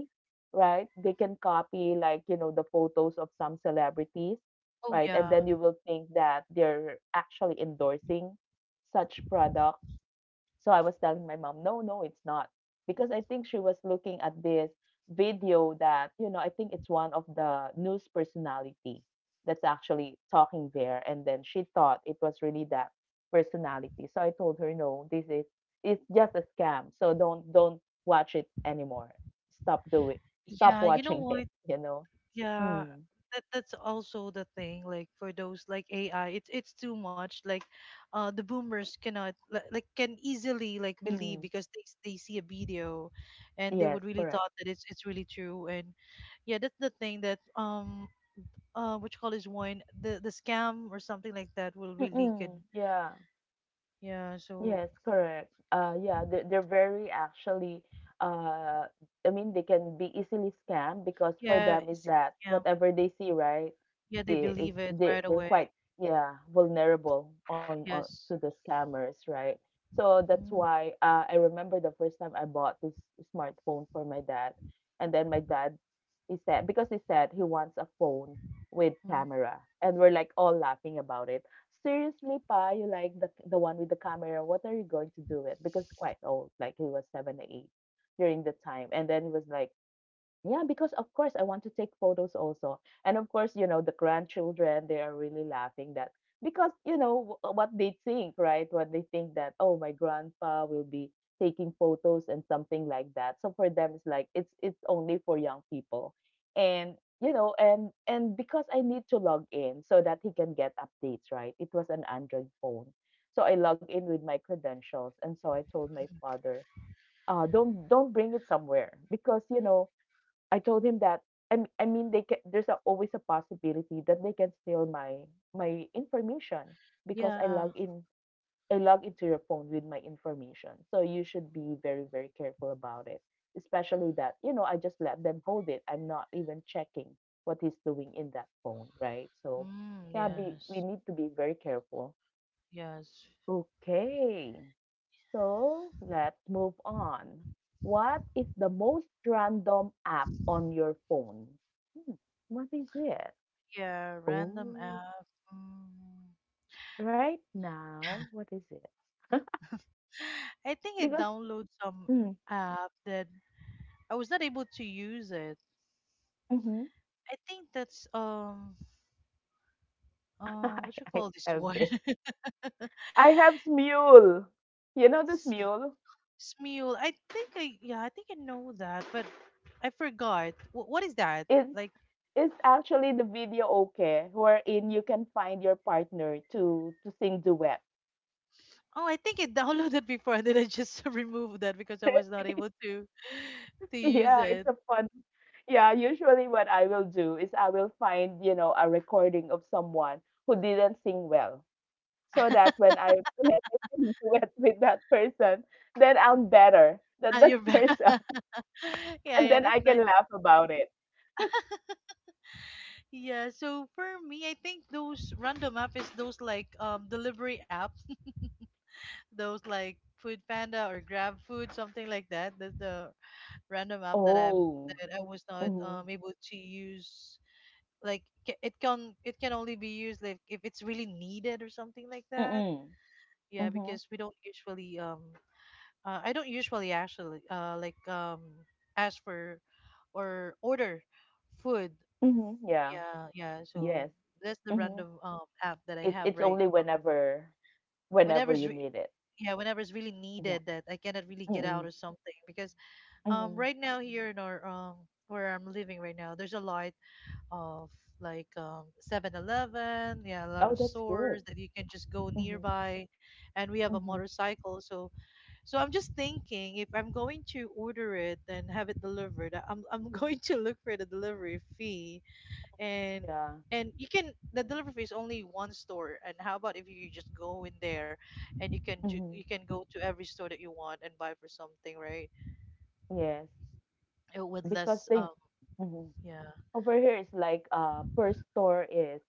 [SPEAKER 1] right, they can copy, like the photos of some celebrities,
[SPEAKER 2] Oh,
[SPEAKER 1] right, and
[SPEAKER 2] yeah.
[SPEAKER 1] then you will think that they're actually endorsing such product. So I was telling my mom, no, no, it's not. Because I think she was looking at this video that, I think it's one of the news personality that's actually talking there. And then she thought it was really that personality. So I told her, no, this is it's just a scam. So don't watch it anymore. Stop doing Stop
[SPEAKER 2] Yeah, you know
[SPEAKER 1] watching
[SPEAKER 2] what?
[SPEAKER 1] it.
[SPEAKER 2] Yeah.
[SPEAKER 1] Mm.
[SPEAKER 2] That's also the thing, like for those like AI, it's too much, like the boomers cannot like can easily like believe,
[SPEAKER 1] Mm.
[SPEAKER 2] because they see a video, and they would
[SPEAKER 1] Yes,
[SPEAKER 2] really thought
[SPEAKER 1] correct.
[SPEAKER 2] that it's really true, and yeah, that's the thing that what you call this one, the scam or something like that will really good.
[SPEAKER 1] Mm-mm. Yeah.
[SPEAKER 2] Yeah, so
[SPEAKER 1] Yes, correct. Yeah, they're very, actually, uh, I mean, they can be easily scammed, because for
[SPEAKER 2] yeah,
[SPEAKER 1] them
[SPEAKER 2] it's
[SPEAKER 1] is that
[SPEAKER 2] a scam.
[SPEAKER 1] whatever they see, right,
[SPEAKER 2] Yeah, they believe
[SPEAKER 1] is
[SPEAKER 2] it right
[SPEAKER 1] they
[SPEAKER 2] away.
[SPEAKER 1] they're quite, yeah, vulnerable on
[SPEAKER 2] Yes.
[SPEAKER 1] to the scammers, right? So that's
[SPEAKER 2] Mm.
[SPEAKER 1] why, I remember the first time I bought this smartphone for my dad. And then my dad, he said he wants a phone with
[SPEAKER 2] Mm.
[SPEAKER 1] camera, and we're like all laughing about it. Seriously, Pa, you like the one with the camera. What are you going to do with? Because quite old, like he was seven or eight during the time. And then he was like, yeah, because of course I want to take photos also. And of course, the grandchildren, they are really laughing that. Because, what they think, right? What they think that, oh, my grandpa will be taking photos and something like that. So for them it's like it's only for young people. And because I need to log in so that he can get updates, right? It was an Android phone. So I log in with my credentials and so I told my father, don't bring it somewhere. Because I told him that I mean, they can, there's always a possibility that they can steal my my information, because
[SPEAKER 2] Yeah.
[SPEAKER 1] I log into your phone with my information. So you should be very, very careful about it. Especially that, I just let them hold it. I'm not even checking what he's doing in that phone, right? So,
[SPEAKER 2] Mm,
[SPEAKER 1] yeah, we
[SPEAKER 2] yes.
[SPEAKER 1] need to be very careful.
[SPEAKER 2] Yes.
[SPEAKER 1] Okay. So let's move on. What is the most random app on your phone? Hmm, what is it?
[SPEAKER 2] Yeah, random
[SPEAKER 1] Oh,
[SPEAKER 2] app. Mm.
[SPEAKER 1] right now, what is it?
[SPEAKER 2] I think I
[SPEAKER 1] Because
[SPEAKER 2] download some
[SPEAKER 1] mm,
[SPEAKER 2] app that I was not able to use it.
[SPEAKER 1] hmm
[SPEAKER 2] I think that's
[SPEAKER 1] I,
[SPEAKER 2] what you
[SPEAKER 1] I
[SPEAKER 2] call this
[SPEAKER 1] have
[SPEAKER 2] one.
[SPEAKER 1] this. I have Smule. You know the Smule?
[SPEAKER 2] Smule. I think I know that, but I forgot. What is that?
[SPEAKER 1] It's
[SPEAKER 2] Like,
[SPEAKER 1] it's actually the video, okay, wherein you can find your partner to sing duet.
[SPEAKER 2] oh, I think I downloaded before, and then I just removed that, because I was not able to use
[SPEAKER 1] Yeah, it's
[SPEAKER 2] it.
[SPEAKER 1] a fun. Yeah, usually what I will do is I will find, a recording of someone who didn't sing well, so that when I when I sing duet with that person, then I'm better than
[SPEAKER 2] Ah,
[SPEAKER 1] that
[SPEAKER 2] you're back.
[SPEAKER 1] person.
[SPEAKER 2] Yeah,
[SPEAKER 1] And
[SPEAKER 2] yeah,
[SPEAKER 1] then I
[SPEAKER 2] that's
[SPEAKER 1] can
[SPEAKER 2] nice.
[SPEAKER 1] laugh about it.
[SPEAKER 2] Yeah, so for me, I think those random app is those like delivery apps, those like Food Panda or Grab Food, something like that. That's the random app that I'm
[SPEAKER 1] Oh.
[SPEAKER 2] that I was not
[SPEAKER 1] Mhm.
[SPEAKER 2] able to use, like it can only be used like if it's really needed or something like that.
[SPEAKER 1] Mm-mm.
[SPEAKER 2] Yeah,
[SPEAKER 1] Mhm.
[SPEAKER 2] because we don't usually, I don't usually actually like ask for or order food.
[SPEAKER 1] Mhm. Yeah.
[SPEAKER 2] Yeah, yeah.
[SPEAKER 1] Yes.
[SPEAKER 2] So that's the
[SPEAKER 1] Mhm.
[SPEAKER 2] random app that I
[SPEAKER 1] It's
[SPEAKER 2] have
[SPEAKER 1] it's only
[SPEAKER 2] right on my phone.
[SPEAKER 1] whenever
[SPEAKER 2] whenever it's
[SPEAKER 1] you
[SPEAKER 2] re-
[SPEAKER 1] need it.
[SPEAKER 2] yeah Whenever it's really
[SPEAKER 1] Yeah.
[SPEAKER 2] needed, that I cannot really get
[SPEAKER 1] Mm-mm.
[SPEAKER 2] out or something. Because
[SPEAKER 1] Mhm.
[SPEAKER 2] right now, here in our, where I'm living right now, there's a lot of like, 7. Yeah, a lot of
[SPEAKER 1] Oh, that's good.
[SPEAKER 2] stores that you can just go
[SPEAKER 1] Mhm.
[SPEAKER 2] nearby, and we have a
[SPEAKER 1] Mhm.
[SPEAKER 2] motorcycle. So, I'm just thinking, if I'm going to order it and have it delivered, I'm going to look for the delivery fee, and.
[SPEAKER 1] Yeah.
[SPEAKER 2] And you can the delivery fee is only one store. And how about if you just go in there, and you can ju- you
[SPEAKER 1] Mhm.
[SPEAKER 2] can go to every store that you want and buy for something, right?
[SPEAKER 1] Yes,
[SPEAKER 2] It with
[SPEAKER 1] because
[SPEAKER 2] less,
[SPEAKER 1] they. Mhm.
[SPEAKER 2] yeah.
[SPEAKER 1] Over here is like per store is,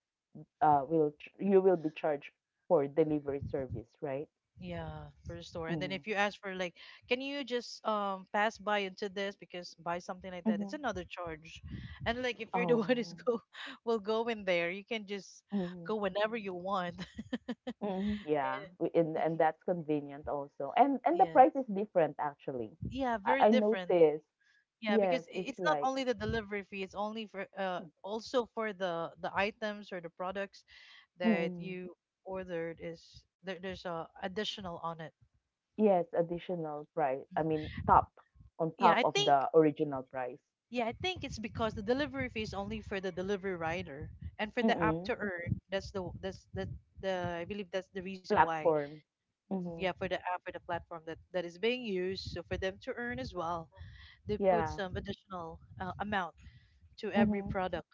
[SPEAKER 1] you will be charged for delivery service, right?
[SPEAKER 2] Yeah, for the store. And then
[SPEAKER 1] Mm-hmm.
[SPEAKER 2] if you ask for, like, can you just pass by into this because buy something like that,
[SPEAKER 1] Mm-hmm.
[SPEAKER 2] it's another charge. And like, if you're the one who's
[SPEAKER 1] Oh.
[SPEAKER 2] go will go in there, you can just
[SPEAKER 1] Mm-hmm.
[SPEAKER 2] go whenever you want.
[SPEAKER 1] Mm-hmm. Yeah,
[SPEAKER 2] And
[SPEAKER 1] we- and
[SPEAKER 2] you
[SPEAKER 1] and
[SPEAKER 2] can-
[SPEAKER 1] that's convenient also, and the
[SPEAKER 2] yeah,
[SPEAKER 1] price is different, actually.
[SPEAKER 2] yeah,
[SPEAKER 1] I,
[SPEAKER 2] very
[SPEAKER 1] I
[SPEAKER 2] different.
[SPEAKER 1] noticed.
[SPEAKER 2] Yeah,
[SPEAKER 1] Yes,
[SPEAKER 2] because
[SPEAKER 1] it's
[SPEAKER 2] it's not
[SPEAKER 1] like,
[SPEAKER 2] only the delivery fee, it's only for also for the items or the products that
[SPEAKER 1] mm
[SPEAKER 2] you ordered is there, there's a additional on it.
[SPEAKER 1] yes, additional price. I mean,
[SPEAKER 2] Mhm.
[SPEAKER 1] top on
[SPEAKER 2] Yeah,
[SPEAKER 1] top
[SPEAKER 2] I
[SPEAKER 1] of
[SPEAKER 2] think
[SPEAKER 1] the original price.
[SPEAKER 2] Yeah, I think it's because the delivery fee is only for the delivery rider, and for the app to
[SPEAKER 1] Mm-mm.
[SPEAKER 2] earn, that's the I believe that's the reason why.
[SPEAKER 1] Platform.
[SPEAKER 2] Mhm.
[SPEAKER 1] Mm-hmm.
[SPEAKER 2] Yeah, for the app, for the platform that is being used, so for them to earn as well, they put
[SPEAKER 1] Yeah.
[SPEAKER 2] some additional amount to every
[SPEAKER 1] Mhm.
[SPEAKER 2] product.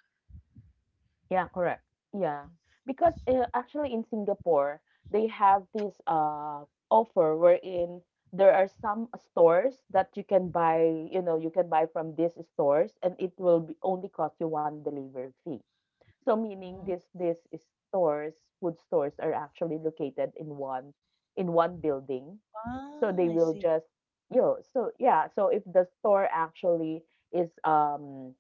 [SPEAKER 1] Yeah, correct. Yeah. Because actually, in Singapore, they have this offer, wherein there are some stores that you can buy from these stores and it will be only cost you one delivery fee. So meaning
[SPEAKER 2] Mm.
[SPEAKER 1] this these stores, food stores, are actually located in one building. So
[SPEAKER 2] Ah,
[SPEAKER 1] they
[SPEAKER 2] I
[SPEAKER 1] will
[SPEAKER 2] see.
[SPEAKER 1] just, so yeah, so if the store actually is um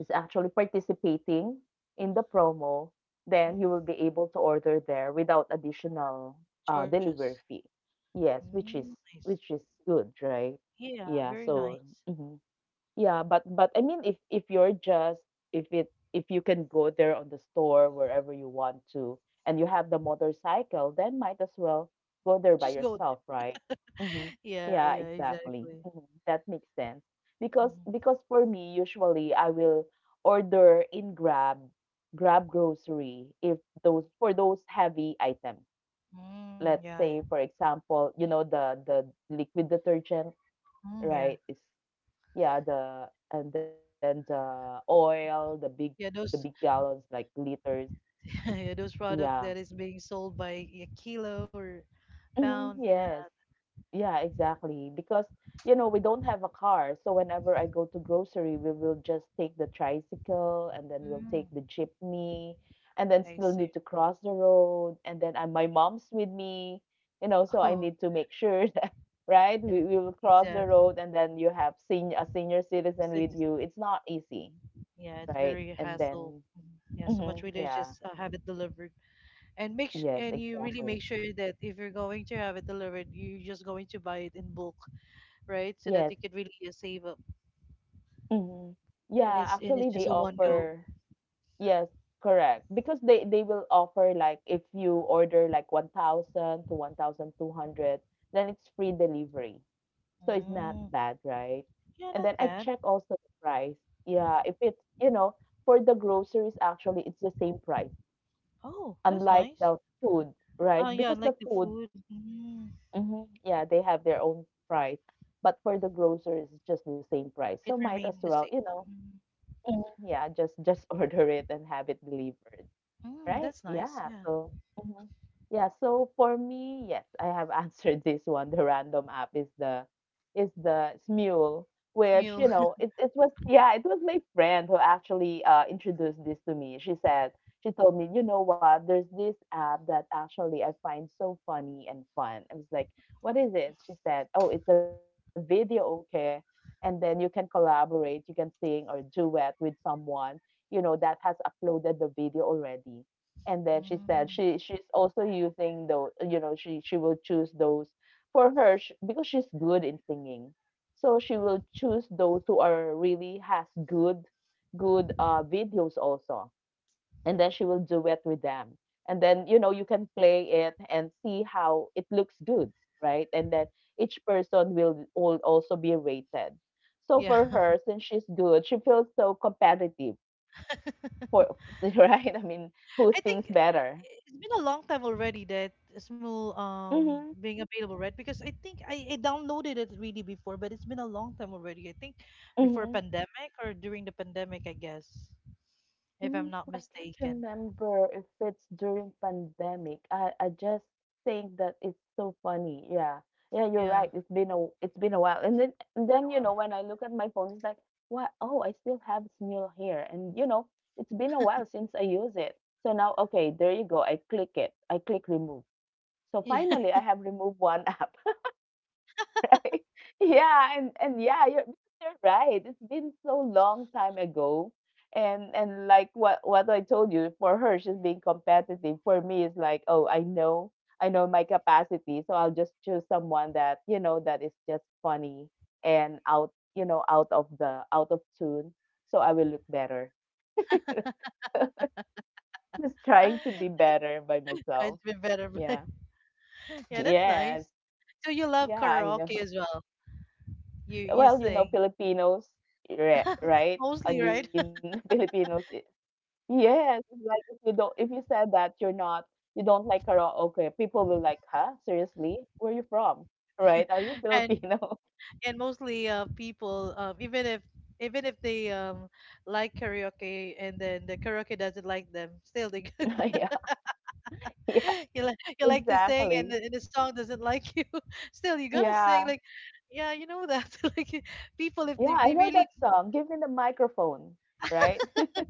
[SPEAKER 1] is actually participating in the promo, then you
[SPEAKER 2] Mm.
[SPEAKER 1] will be able to order there without additional
[SPEAKER 2] Charges.
[SPEAKER 1] delivery fee. Yes,
[SPEAKER 2] Mm, I see.
[SPEAKER 1] which is good, right?
[SPEAKER 2] Yeah,
[SPEAKER 1] Yeah.
[SPEAKER 2] very
[SPEAKER 1] So,
[SPEAKER 2] nice.
[SPEAKER 1] mhm, yeah, but I mean, if you're just, if you can go there on the store wherever you want to, and you have the motorcycle, then might as well go there by
[SPEAKER 2] Just go.
[SPEAKER 1] yourself, right? Mm-hmm.
[SPEAKER 2] Yeah,
[SPEAKER 1] Yeah,
[SPEAKER 2] yeah,
[SPEAKER 1] exactly.
[SPEAKER 2] exactly.
[SPEAKER 1] Mhm. That makes sense. Because
[SPEAKER 2] Mm-hmm.
[SPEAKER 1] because for me, usually I will order in Grab, Grab grocery, if those for those heavy items.
[SPEAKER 2] Mm,
[SPEAKER 1] Let's
[SPEAKER 2] yeah,
[SPEAKER 1] say,
[SPEAKER 2] yeah.
[SPEAKER 1] for example, you know the liquid detergent,
[SPEAKER 2] Mm, yeah.
[SPEAKER 1] right? Yeah, the and then the oil, the big
[SPEAKER 2] Yeah, those
[SPEAKER 1] gallons, like liters.
[SPEAKER 2] yeah, those
[SPEAKER 1] Yeah.
[SPEAKER 2] products that is being sold by a kilo or
[SPEAKER 1] Hmm.
[SPEAKER 2] pound. Yeah.
[SPEAKER 1] Yes. Yeah, exactly. Because, we don't have a car. So whenever I go to grocery, we will just take the tricycle and then we'll
[SPEAKER 2] Mm,
[SPEAKER 1] take the jeepney, and then
[SPEAKER 2] I
[SPEAKER 1] still need
[SPEAKER 2] see.
[SPEAKER 1] to cross the road. And then my mom's with me, so I
[SPEAKER 2] Oh,
[SPEAKER 1] need to make sure that, right,
[SPEAKER 2] yeah,
[SPEAKER 1] we will cross the
[SPEAKER 2] exactly.
[SPEAKER 1] road, and then you have a senior citizen
[SPEAKER 2] So
[SPEAKER 1] with
[SPEAKER 2] just,
[SPEAKER 1] you. It's not easy,
[SPEAKER 2] yeah, it's
[SPEAKER 1] right?
[SPEAKER 2] very
[SPEAKER 1] And
[SPEAKER 2] hassle.
[SPEAKER 1] then.
[SPEAKER 2] Mhm. Yeah, so
[SPEAKER 1] Mhm,
[SPEAKER 2] much rather
[SPEAKER 1] yeah.
[SPEAKER 2] just have it delivered, and
[SPEAKER 1] Yes,
[SPEAKER 2] and you really
[SPEAKER 1] exactly.
[SPEAKER 2] make sure that if you're going to have it delivered, you're just going to buy it in bulk, right? So that
[SPEAKER 1] Yes.
[SPEAKER 2] you could really save up,
[SPEAKER 1] Mhm.
[SPEAKER 2] and
[SPEAKER 1] Yeah,
[SPEAKER 2] it's and
[SPEAKER 1] actually,
[SPEAKER 2] it's just
[SPEAKER 1] they
[SPEAKER 2] a one go.
[SPEAKER 1] offer, yes, correct. Because they will offer, like, if you order like 1,000 to 1,200, then it's free delivery. So it's not
[SPEAKER 2] Mm,
[SPEAKER 1] bad, right?
[SPEAKER 2] yeah,
[SPEAKER 1] And
[SPEAKER 2] not
[SPEAKER 1] then I
[SPEAKER 2] bad.
[SPEAKER 1] check also the price. Yeah, if it's, for the groceries, actually it's the same price,
[SPEAKER 2] Oh, that's
[SPEAKER 1] unlike
[SPEAKER 2] nice.
[SPEAKER 1] the food, right?
[SPEAKER 2] Oh yeah,
[SPEAKER 1] Because the
[SPEAKER 2] like the
[SPEAKER 1] food.
[SPEAKER 2] food, mm,
[SPEAKER 1] Mhm. Yeah, they have their own price. But for the groceries, it's just the same price. So
[SPEAKER 2] it
[SPEAKER 1] might as
[SPEAKER 2] remained the
[SPEAKER 1] well,
[SPEAKER 2] same. Mm.
[SPEAKER 1] mhm, yeah, just order it and have it delivered.
[SPEAKER 2] Mm,
[SPEAKER 1] Right?
[SPEAKER 2] that's nice.
[SPEAKER 1] Yeah.
[SPEAKER 2] Yeah.
[SPEAKER 1] So, mhm, yeah. So for me, yes, I have answered this one. The random app is the Smule, which,
[SPEAKER 2] Smule.
[SPEAKER 1] it, it was, yeah, it was my friend who actually introduced this to me. She told me, you know what? There's this app that actually I find so funny and fun. I was like, what is it? She said, oh, it's a video, okay. And then you can collaborate, you can sing or duet with someone, that has uploaded the video already. And then she said
[SPEAKER 2] Mm,
[SPEAKER 1] she's also using those, she will choose those for her, sh because she's good in singing. So she will choose those who are really has good, videos also. And then she will duet with them. And then, you can play it and see how it looks good, right? And then each person will also be rated. So
[SPEAKER 2] yeah.
[SPEAKER 1] for her, since she's good, she feels so competitive for right, I mean, who
[SPEAKER 2] I
[SPEAKER 1] sings
[SPEAKER 2] think
[SPEAKER 1] better.
[SPEAKER 2] it's been a long time already that Smule
[SPEAKER 1] Mhm,
[SPEAKER 2] being available, right? Because I think I downloaded it really before, but it's been a long time already. I think before
[SPEAKER 1] mhm.
[SPEAKER 2] pandemic or during the pandemic, I guess, if
[SPEAKER 1] Mm,
[SPEAKER 2] I'm not
[SPEAKER 1] I can't
[SPEAKER 2] mistaken.
[SPEAKER 1] remember if it's during pandemic. I just think that it's so funny. Yeah. Yeah, you're
[SPEAKER 2] Yeah.
[SPEAKER 1] right. It's been a while. And then and then, you
[SPEAKER 2] Wow.
[SPEAKER 1] know, when I look at my phone, it's like, "What? Oh, I still have Smule here." And, it's been a while since I use it. So now, okay, there you go. I click it. I click remove. So
[SPEAKER 2] Yeah.
[SPEAKER 1] finally, I have removed one app. Yeah, and yeah, you're right. It's been so long time ago, and like what I told you, for her, she's being competitive. For me, it's like, oh, I know my capacity. So I'll just choose someone that that is just funny, and out, you know, out of the out of tune, so I will look better. Just trying to be better by
[SPEAKER 2] So
[SPEAKER 1] myself.
[SPEAKER 2] it's been better, but
[SPEAKER 1] Yeah.
[SPEAKER 2] yeah, that's
[SPEAKER 1] Yes.
[SPEAKER 2] nice. So you love
[SPEAKER 1] Yeah, I
[SPEAKER 2] karaoke
[SPEAKER 1] know.
[SPEAKER 2] as well. You
[SPEAKER 1] Well,
[SPEAKER 2] sing
[SPEAKER 1] Filipinos, re right? I
[SPEAKER 2] mostly, right?
[SPEAKER 1] mean, Filipinos, I yes, it's like, if you don't if you said that you're not, you don't like karaoke, okay, people will like, "Huh? Seriously? Where are you from?" Right? "Are you
[SPEAKER 2] And
[SPEAKER 1] Filipino?"
[SPEAKER 2] and mostly people even if they like karaoke and then the karaoke doesn't like them still they
[SPEAKER 1] Yeah, yeah,
[SPEAKER 2] you like to sing, and
[SPEAKER 1] exactly.
[SPEAKER 2] the song doesn't like you still you're gonna
[SPEAKER 1] Yeah.
[SPEAKER 2] sing like yeah, you know that like people if
[SPEAKER 1] Yeah, I
[SPEAKER 2] they
[SPEAKER 1] know
[SPEAKER 2] really
[SPEAKER 1] that song, "Give Me the Microphone," right?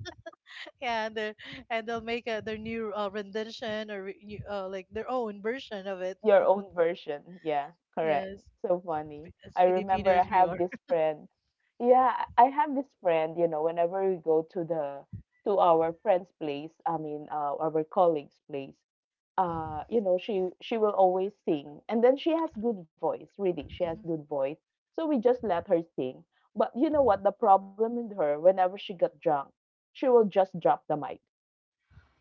[SPEAKER 2] can they and they'll make a, their new rendition or new, like their own version of it.
[SPEAKER 1] Your own version. Yeah, correct.
[SPEAKER 2] Yes.
[SPEAKER 1] So funny.
[SPEAKER 2] As
[SPEAKER 1] I remember I
[SPEAKER 2] Filipinos, we are
[SPEAKER 1] have this friend. Yeah, I have this friend, whenever we go to our friend's place, I mean, our colleague's place, she will always sing. And then she has good voice, really. She has
[SPEAKER 2] Mhm.
[SPEAKER 1] good voice. So we just let her sing. But you know what? The problem with her, whenever she got drunk, she will just drop the mic.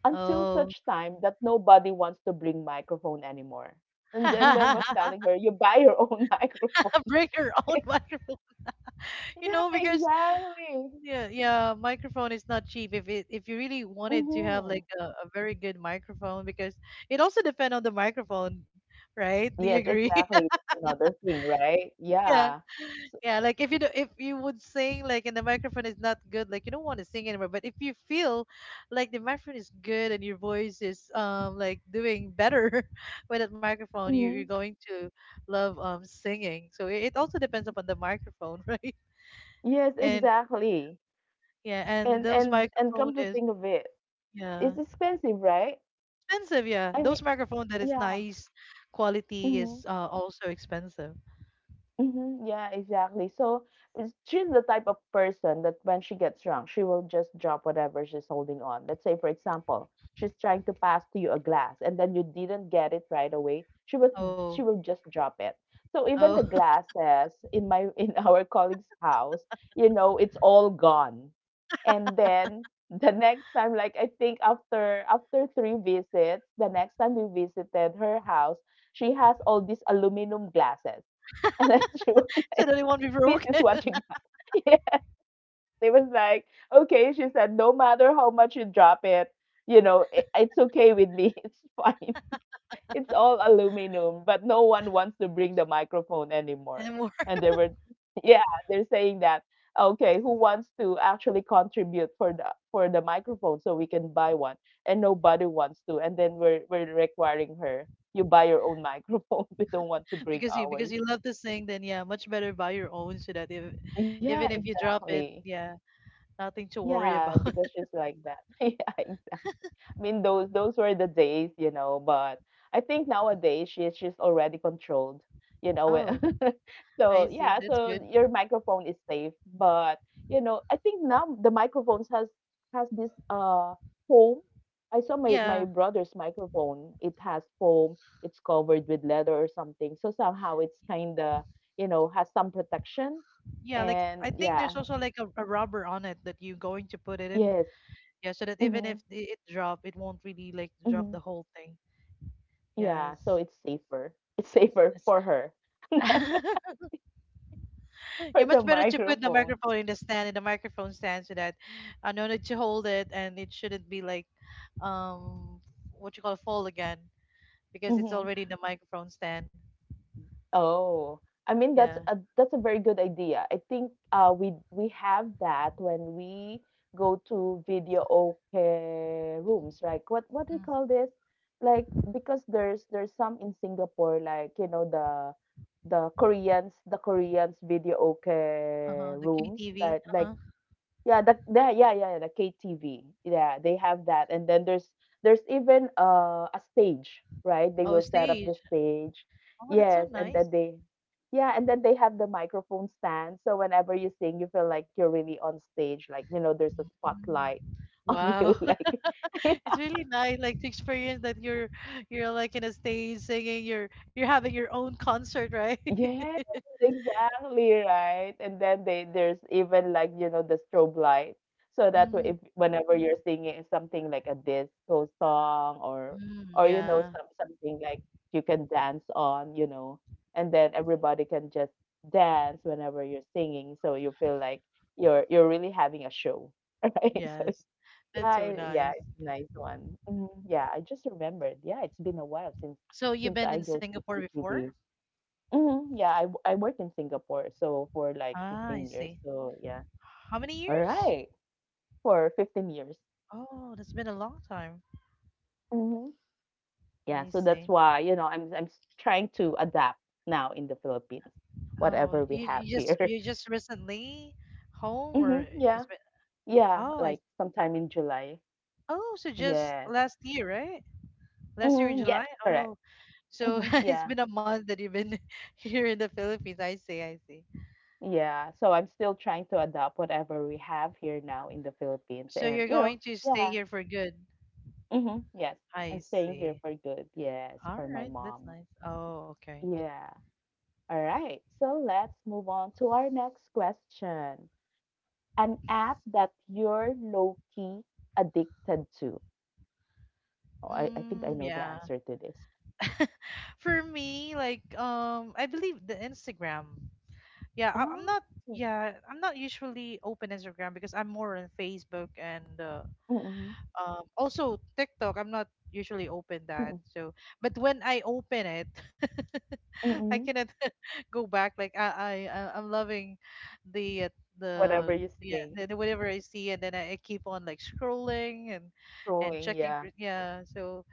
[SPEAKER 1] Until
[SPEAKER 2] Oh.
[SPEAKER 1] such time that nobody wants to bring microphone anymore. And then was telling her, "You buy your own microphone."
[SPEAKER 2] Bring your own microphone, you know,
[SPEAKER 1] Yeah,
[SPEAKER 2] because
[SPEAKER 1] exactly.
[SPEAKER 2] yeah, yeah, microphone is not cheap if it if you really wanted to have like
[SPEAKER 1] Mm-hmm.
[SPEAKER 2] a very good microphone because it also depend on the microphone, right? Do you
[SPEAKER 1] Yes,
[SPEAKER 2] agree?
[SPEAKER 1] exactly. That's another thing, right?
[SPEAKER 2] Yeah.
[SPEAKER 1] Yeah. So,
[SPEAKER 2] Yeah, like if you do, if you would sing like and the microphone is not good, like you don't want to sing anymore, but if you feel like the microphone is good and your voice is like doing better with that microphone, you you're
[SPEAKER 1] mhm.
[SPEAKER 2] going to love singing. So it also depends upon the microphone, right?
[SPEAKER 1] Yes,
[SPEAKER 2] And
[SPEAKER 1] exactly.
[SPEAKER 2] yeah, and
[SPEAKER 1] And
[SPEAKER 2] those
[SPEAKER 1] and and
[SPEAKER 2] microphone
[SPEAKER 1] come to
[SPEAKER 2] is
[SPEAKER 1] think of it,
[SPEAKER 2] yeah.
[SPEAKER 1] it's expensive, right?
[SPEAKER 2] Expensive, yeah.
[SPEAKER 1] I mean,
[SPEAKER 2] Those microphone that is
[SPEAKER 1] yeah.
[SPEAKER 2] nice quality is
[SPEAKER 1] Mm-hmm.
[SPEAKER 2] also expensive.
[SPEAKER 1] Mhm, yeah, exactly. So, she's the type of person that when she gets drunk, she will just drop whatever she's holding on. Let's say, for example, she's trying to pass to you a glass and then you didn't get it right away.
[SPEAKER 2] Oh.
[SPEAKER 1] She will just drop it. So
[SPEAKER 2] Oh,
[SPEAKER 1] even the glasses in my in our colleague's house, you know, it's all gone. And then the next time, like I think after three visits, the next time we visited her house, she has all these aluminum glasses and then she was
[SPEAKER 2] so
[SPEAKER 1] like,
[SPEAKER 2] that it won't be
[SPEAKER 1] this is
[SPEAKER 2] broken.
[SPEAKER 1] what you got. Yeah. It was like, okay. She said, no matter how much you drop it, you know, it's okay with me. It's fine. It's all aluminum, but no one wants to bring the microphone anymore.
[SPEAKER 2] Anymore.
[SPEAKER 1] And they were, yeah, they're saying that, okay, who wants to actually contribute for the microphone so we can buy one? And nobody wants to. And then we're requiring her, you buy your own microphone. We don't want to bring
[SPEAKER 2] Because
[SPEAKER 1] ours.
[SPEAKER 2] you love to sing. Then yeah, much better buy your own so that if,
[SPEAKER 1] Yeah,
[SPEAKER 2] even if you drop it,
[SPEAKER 1] exactly.
[SPEAKER 2] yeah, nothing to worry
[SPEAKER 1] Yeah,
[SPEAKER 2] about.
[SPEAKER 1] because she's like that. Yeah, exactly. I mean, those were the days, you know, but I think nowadays she's already controlled, you know.
[SPEAKER 2] Oh,
[SPEAKER 1] So,
[SPEAKER 2] I see.
[SPEAKER 1] yeah,
[SPEAKER 2] That's
[SPEAKER 1] so
[SPEAKER 2] good.
[SPEAKER 1] your microphone is safe, but you know, I think now the microphones has this foam. I saw my
[SPEAKER 2] Yeah,
[SPEAKER 1] brother's microphone. It has foam. It's covered with leather or something. So somehow it's kind of, you know, has some protection.
[SPEAKER 2] yeah. Like
[SPEAKER 1] And
[SPEAKER 2] I think
[SPEAKER 1] yeah,
[SPEAKER 2] there's also like a rubber on it that you're going to put it in.
[SPEAKER 1] yes.
[SPEAKER 2] Yeah, so that even
[SPEAKER 1] Mm-hmm.
[SPEAKER 2] if it drop, it won't really like drop
[SPEAKER 1] Mm-hmm.
[SPEAKER 2] the whole thing.
[SPEAKER 1] Yeah, so
[SPEAKER 2] Yes.
[SPEAKER 1] it's safer. It's safer
[SPEAKER 2] Yes.
[SPEAKER 1] for her,
[SPEAKER 2] Yeah,
[SPEAKER 1] for the
[SPEAKER 2] much better to put the
[SPEAKER 1] microphone.
[SPEAKER 2] microphone in the stand, in the microphone stand, so that I no need to hold it and it shouldn't be like um what you call fall again because it's
[SPEAKER 1] hmm
[SPEAKER 2] already in the microphone stand.
[SPEAKER 1] Oh, I mean
[SPEAKER 2] Yeah.
[SPEAKER 1] that's a very good idea. I think we have that when we go to video okay rooms. Like what do you
[SPEAKER 2] Mm.
[SPEAKER 1] call this? Like because there's some in Singapore like you know the the Koreans video okay
[SPEAKER 2] Uh-huh. The
[SPEAKER 1] rooms
[SPEAKER 2] KTV.
[SPEAKER 1] that like
[SPEAKER 2] Uh-huh.
[SPEAKER 1] Yeah, the yeah, yeah, yeah, the KTV. Yeah, they have that. And then there's even a stage, right? They
[SPEAKER 2] Oh,
[SPEAKER 1] will set up the
[SPEAKER 2] stage.
[SPEAKER 1] stage.
[SPEAKER 2] Oh, that's so
[SPEAKER 1] Yes, and
[SPEAKER 2] nice.
[SPEAKER 1] then and then they have the microphone stand. So whenever you sing, you feel like you're really on stage, like you know, there's a
[SPEAKER 2] Mm.
[SPEAKER 1] spotlight on you,
[SPEAKER 2] Wow.
[SPEAKER 1] like
[SPEAKER 2] It's really nice like to experience that you're like in a stage singing, you're having your own concert, right?
[SPEAKER 1] Yes, exactly, right? And then they there's even like, you know, the strobe light. So that way if
[SPEAKER 2] Mm-hmm.
[SPEAKER 1] whenever you're singing something like a disco song or
[SPEAKER 2] Mm,
[SPEAKER 1] you know,
[SPEAKER 2] yeah.
[SPEAKER 1] something like you can dance on, you know, and then everybody can just dance whenever you're singing. So you feel like you're really having a show. Right. So
[SPEAKER 2] Yes. That's
[SPEAKER 1] yeah,
[SPEAKER 2] so
[SPEAKER 1] yeah,
[SPEAKER 2] nice.
[SPEAKER 1] it's a nice one. Mhm. Yeah, I just remembered. Yeah, it's been a while since
[SPEAKER 2] So you've
[SPEAKER 1] since
[SPEAKER 2] been
[SPEAKER 1] I
[SPEAKER 2] in
[SPEAKER 1] go to
[SPEAKER 2] Singapore before?
[SPEAKER 1] KTV. Mhm, yeah, I worked in Singapore, so for like
[SPEAKER 2] Ah, I
[SPEAKER 1] 15 years.
[SPEAKER 2] see.
[SPEAKER 1] So yeah.
[SPEAKER 2] How many
[SPEAKER 1] All
[SPEAKER 2] years?
[SPEAKER 1] right. For 15 years.
[SPEAKER 2] Oh, that's been a long time.
[SPEAKER 1] Mhm. Yeah,
[SPEAKER 2] I
[SPEAKER 1] so that's
[SPEAKER 2] see.
[SPEAKER 1] why, you know, I'm trying to adapt now in the Philippines,
[SPEAKER 2] Oh,
[SPEAKER 1] whatever we
[SPEAKER 2] you
[SPEAKER 1] have
[SPEAKER 2] just
[SPEAKER 1] here.
[SPEAKER 2] recently home or
[SPEAKER 1] Mhm,
[SPEAKER 2] it's
[SPEAKER 1] yeah.
[SPEAKER 2] been
[SPEAKER 1] Yeah,
[SPEAKER 2] oh
[SPEAKER 1] like sometime in July.
[SPEAKER 2] oh so just
[SPEAKER 1] Yes.
[SPEAKER 2] last year, right? Last year in
[SPEAKER 1] Mhm, yes,
[SPEAKER 2] July?
[SPEAKER 1] correct.
[SPEAKER 2] Oh, so
[SPEAKER 1] Mhm,
[SPEAKER 2] it's
[SPEAKER 1] yeah.
[SPEAKER 2] been a month that you've been here in the Philippines. I see, I see.
[SPEAKER 1] Yeah, so I'm still trying to adapt whatever we have here now in the Philippines
[SPEAKER 2] So
[SPEAKER 1] and,
[SPEAKER 2] you're
[SPEAKER 1] you know,
[SPEAKER 2] going to stay
[SPEAKER 1] yeah.
[SPEAKER 2] here for good.
[SPEAKER 1] Mhm, yes.
[SPEAKER 2] I
[SPEAKER 1] I'm staying here
[SPEAKER 2] see.
[SPEAKER 1] for good. Yes,
[SPEAKER 2] All
[SPEAKER 1] for my
[SPEAKER 2] right, that's
[SPEAKER 1] mom.
[SPEAKER 2] nice. Oh, okay.
[SPEAKER 1] Yeah. All right. So let's move on to our next question. An app that you're low key addicted to. Oh, I think I
[SPEAKER 2] Mm,
[SPEAKER 1] know the
[SPEAKER 2] yeah.
[SPEAKER 1] answer to this.
[SPEAKER 2] For me, like I believe the Instagram. Yeah, I'm not.
[SPEAKER 1] Oh.
[SPEAKER 2] Yeah, I'm not usually open Instagram because I'm more on Facebook and
[SPEAKER 1] Mm-mm,
[SPEAKER 2] also TikTok. I'm not usually open that.
[SPEAKER 1] mm-mm,
[SPEAKER 2] So, but when I open it, I
[SPEAKER 1] mm-mm.
[SPEAKER 2] cannot go back. Like I'm loving the uh,
[SPEAKER 1] Whatever
[SPEAKER 2] the
[SPEAKER 1] you're
[SPEAKER 2] yeah,
[SPEAKER 1] seeing,
[SPEAKER 2] the whatever I see, and then I keep on like scrolling and
[SPEAKER 1] scrolling.
[SPEAKER 2] checking for
[SPEAKER 1] Yeah.
[SPEAKER 2] yeah. So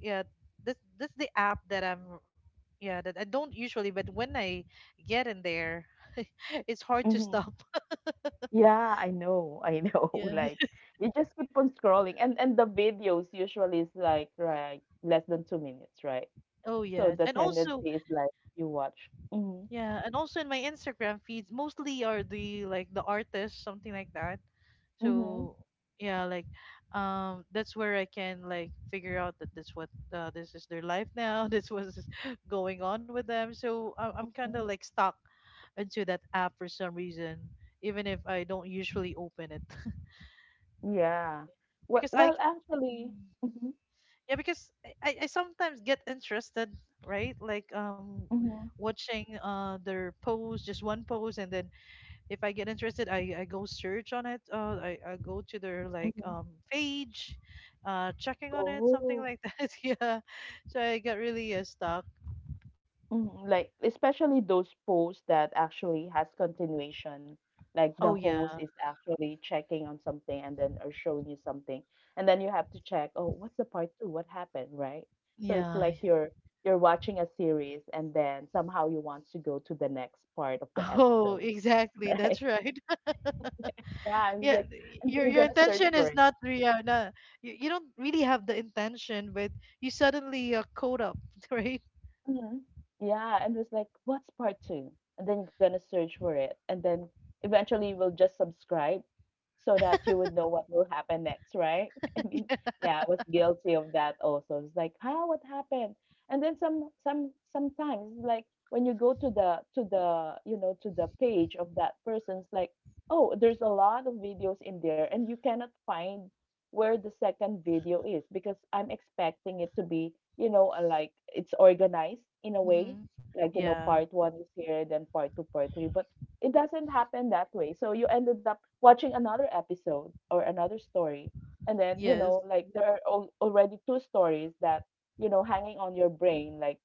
[SPEAKER 2] yeah, this the app that I'm yeah that I don't usually, but when I get in there it's hard to
[SPEAKER 1] hmm
[SPEAKER 2] stop.
[SPEAKER 1] Yeah, I know. I know.
[SPEAKER 2] Yeah.
[SPEAKER 1] Like you just keep on scrolling, and the videos usually is like right less than 2 minutes, right?
[SPEAKER 2] Oh
[SPEAKER 1] So
[SPEAKER 2] yes,
[SPEAKER 1] the
[SPEAKER 2] and also
[SPEAKER 1] tendency is like you watch. Mm-hmm.
[SPEAKER 2] yeah, and also in my Instagram feeds mostly are the like the artists, something like that.
[SPEAKER 1] Mm-hmm.
[SPEAKER 2] So yeah, like that's where I can like figure out that this what this is their life now. This was going on with them, so I'm kind of like stuck into that app for some reason even if I don't usually open it
[SPEAKER 1] Yeah. Well
[SPEAKER 2] because I
[SPEAKER 1] well, actually
[SPEAKER 2] Mm.
[SPEAKER 1] mhm,
[SPEAKER 2] yeah, because I sometimes get interested, right, like
[SPEAKER 1] mhm,
[SPEAKER 2] watching their post, just one post, and then if I get interested I go search on it, I go to their like
[SPEAKER 1] mhm.
[SPEAKER 2] page, checking on it, something
[SPEAKER 1] Oh.
[SPEAKER 2] like that. Yeah, so I got really stuck.
[SPEAKER 1] Mhm, like, especially those posts that actually has continuation, like the
[SPEAKER 2] Oh yeah.
[SPEAKER 1] host is actually checking on something and then or showing you something, and then you have to check, "Oh, what's the part 2? What happened?" Right? So it's
[SPEAKER 2] Yeah.
[SPEAKER 1] like you're watching a series and then somehow you want to go to the next part of the
[SPEAKER 2] Oh
[SPEAKER 1] episode,
[SPEAKER 2] exactly,
[SPEAKER 1] right?
[SPEAKER 2] that's right.
[SPEAKER 1] Yeah, it's
[SPEAKER 2] Yeah,
[SPEAKER 1] like and then you're
[SPEAKER 2] your
[SPEAKER 1] gonna search
[SPEAKER 2] intention
[SPEAKER 1] for
[SPEAKER 2] is
[SPEAKER 1] it.
[SPEAKER 2] not real, no, you don't really have the intention, but you suddenly caught up. Right.
[SPEAKER 1] Mhm. Yeah, and was like, what's part 2? And then you're gonna search for it. And then eventually you will just subscribe so that you would know what will happen next, right? I mean,
[SPEAKER 2] Yeah.
[SPEAKER 1] yeah, I was guilty of that also. It's like, how what happened? And then some sometimes it's like when you go to the you know to the page of that person's like, oh, there's a lot of videos in there and you cannot find where the second video is because I'm expecting it to be, you know, like it's organized in a way,
[SPEAKER 2] Hmm.
[SPEAKER 1] like, you know,
[SPEAKER 2] Yeah.
[SPEAKER 1] part one is here, then part two, part three, but it doesn't happen that way. So you ended up watching another episode or another story. And then, you
[SPEAKER 2] Yes.
[SPEAKER 1] know, like there are already two stories that, you know, hanging on your brain, like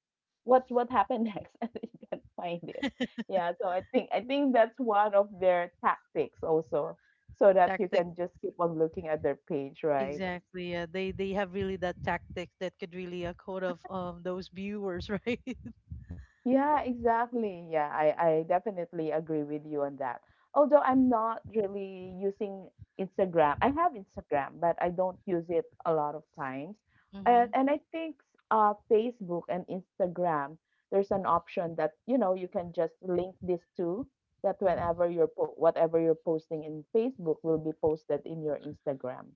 [SPEAKER 1] what happened next? And you can't find it. Yeah. So I think that's one of their tactics also so that you
[SPEAKER 2] Tactic.
[SPEAKER 1] can just keep on looking at their page, right?
[SPEAKER 2] Exactly. Yeah. They have really that tactic that could really code off those viewers, right?
[SPEAKER 1] Yeah, exactly. Yeah, I definitely agree with you on that. Although I'm not really using Instagram. I have Instagram, but I don't use it a lot of times.
[SPEAKER 2] Mm-hmm.
[SPEAKER 1] And I think Facebook and Instagram, there's an option that, you know, you can just link these two that
[SPEAKER 2] Mm-hmm.
[SPEAKER 1] whenever you're whatever you're posting in Facebook will be posted in your Instagram,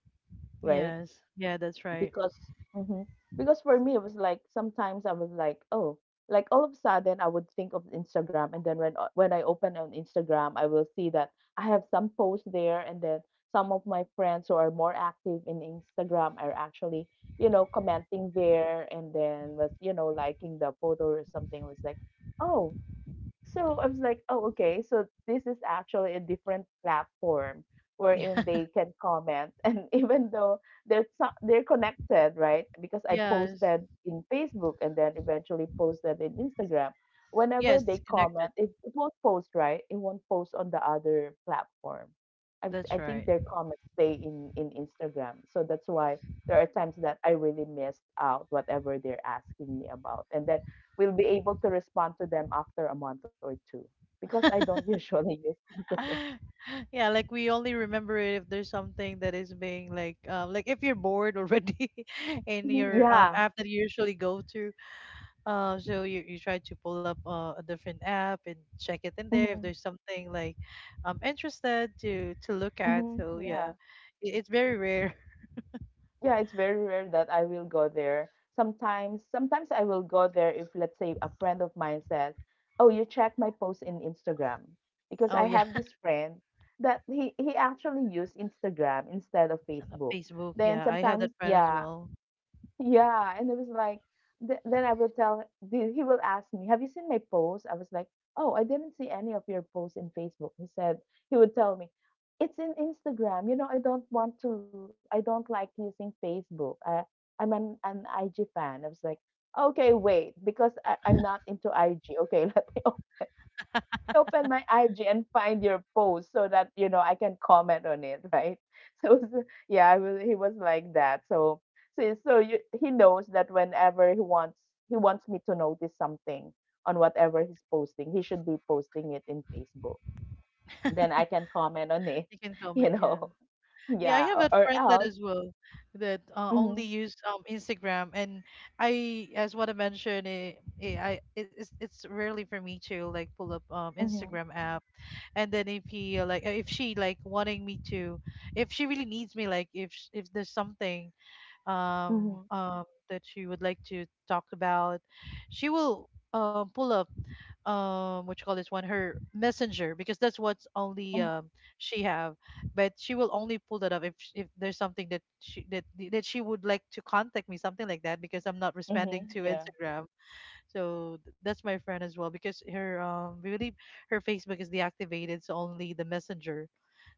[SPEAKER 1] right?
[SPEAKER 2] Yes. Yeah. That's right.
[SPEAKER 1] Because hmm because for me it was like sometimes I was like oh, like all of a sudden I would think of Instagram, and then when when I open on Instagram I will see that I have some posts there, and then some of my friends who are more active in Instagram are actually, you know, commenting there, and then was, you know, liking the photo or something. It was like oh, so I was like, oh, okay. So this is actually a different platform
[SPEAKER 2] Yeah.
[SPEAKER 1] wherein they can comment. And even though they're connected, right? Because I
[SPEAKER 2] Yes.
[SPEAKER 1] posted in Facebook and then eventually posted in Instagram. Whenever
[SPEAKER 2] Yes.
[SPEAKER 1] they
[SPEAKER 2] Connected.
[SPEAKER 1] comment, it won't post, right? It won't post on the other platform.
[SPEAKER 2] That's
[SPEAKER 1] I think
[SPEAKER 2] right.
[SPEAKER 1] their comments stay in Instagram. So that's why there are times that I really missed out whatever they're asking me about. And then will be able to respond to them after a month or two because I don't usually use Instagram.
[SPEAKER 2] Yeah, like we only remember it if there's something that is being like if you're bored already and
[SPEAKER 1] Mhm,
[SPEAKER 2] you're
[SPEAKER 1] yeah.
[SPEAKER 2] app that you usually go to, so you try to pull up a different app and check it in there if
[SPEAKER 1] hmm
[SPEAKER 2] there's something like interested to look at, so yeah,
[SPEAKER 1] Yeah.
[SPEAKER 2] it, it's very rare.
[SPEAKER 1] Yeah, it's very rare that I will go there. Sometimes I will go there if, let's say, a friend of mine said, "Oh, you check my post in Instagram," because
[SPEAKER 2] Oh
[SPEAKER 1] I
[SPEAKER 2] yeah.
[SPEAKER 1] have this friend that he actually used Instagram instead of Facebook.
[SPEAKER 2] Facebook,
[SPEAKER 1] Then
[SPEAKER 2] yeah, I have that
[SPEAKER 1] sometimes,
[SPEAKER 2] friend as
[SPEAKER 1] yeah,
[SPEAKER 2] well.
[SPEAKER 1] yeah, and it was like th then I will tell the, he will ask me, "Have you seen my post?" I was like, "Oh, I didn't see any of your posts in Facebook." He said he would tell me, "It's in Instagram. You know, I don't want to. I don't like using Facebook. I'm an IG fan." I was like, "Okay, wait, because I'm not into IG. Okay, let me open my IG and find your post so that you know I can comment on it, right?" So yeah, I was, he was like that. So you, he knows that whenever he wants me to notice something on whatever he's posting, he should be posting it in Facebook. Then I can comment on it,
[SPEAKER 2] You can
[SPEAKER 1] you
[SPEAKER 2] comment, yeah.
[SPEAKER 1] know.
[SPEAKER 2] Yeah, I
[SPEAKER 1] Yeah,
[SPEAKER 2] have a
[SPEAKER 1] or
[SPEAKER 2] friend that
[SPEAKER 1] else.
[SPEAKER 2] as well that only
[SPEAKER 1] Mm-hmm,
[SPEAKER 2] use Instagram, and I as what I mentioned it's rarely for me to like pull up Instagram
[SPEAKER 1] mm-hmm,
[SPEAKER 2] app, and then if he if she like wanting me to, if she really needs me, like if if there's something
[SPEAKER 1] mm-hmm,
[SPEAKER 2] that she would like to talk about, she will pull up what you call this one, her messenger, because that's what's only
[SPEAKER 1] mm-hmm,
[SPEAKER 2] she have. But she will only pull that up if if there's something that she would like to contact me, something like that, because I'm not
[SPEAKER 1] mm-hmm,
[SPEAKER 2] responding to
[SPEAKER 1] yeah.
[SPEAKER 2] Instagram. So that's my friend as well, because her we believe her Facebook is deactivated, so only the messenger,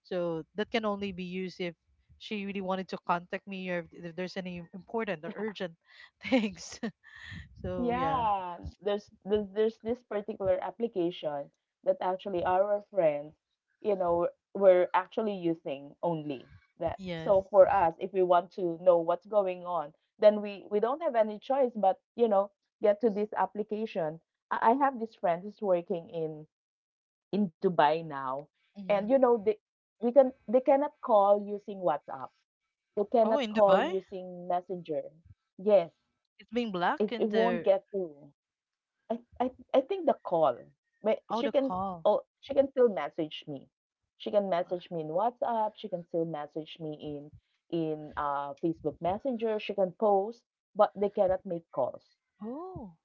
[SPEAKER 2] so that can only be used if she really wanted to contact me, or if there's any important or urgent things. So yeah.
[SPEAKER 1] Yeah, there's this particular application that actually our friends, you know, were actually using only that.
[SPEAKER 2] Yes.
[SPEAKER 1] So for us, if we want to know what's going on, then we don't have any choice but, you know, get to this application. I have this friend who's working in Dubai now, and
[SPEAKER 2] Hmm.
[SPEAKER 1] you know, they cannot call using WhatsApp. They
[SPEAKER 2] Oh
[SPEAKER 1] cannot
[SPEAKER 2] in
[SPEAKER 1] call
[SPEAKER 2] Dubai.
[SPEAKER 1] using Messenger. Yes,
[SPEAKER 2] It's being blocked
[SPEAKER 1] it
[SPEAKER 2] in
[SPEAKER 1] won't
[SPEAKER 2] the
[SPEAKER 1] get through. I think the call, but
[SPEAKER 2] oh, the
[SPEAKER 1] she can
[SPEAKER 2] call.
[SPEAKER 1] oh, she can still message me. She can message me in WhatsApp, she can still message me in Facebook Messenger, she can post, but they cannot make calls.
[SPEAKER 2] Oh,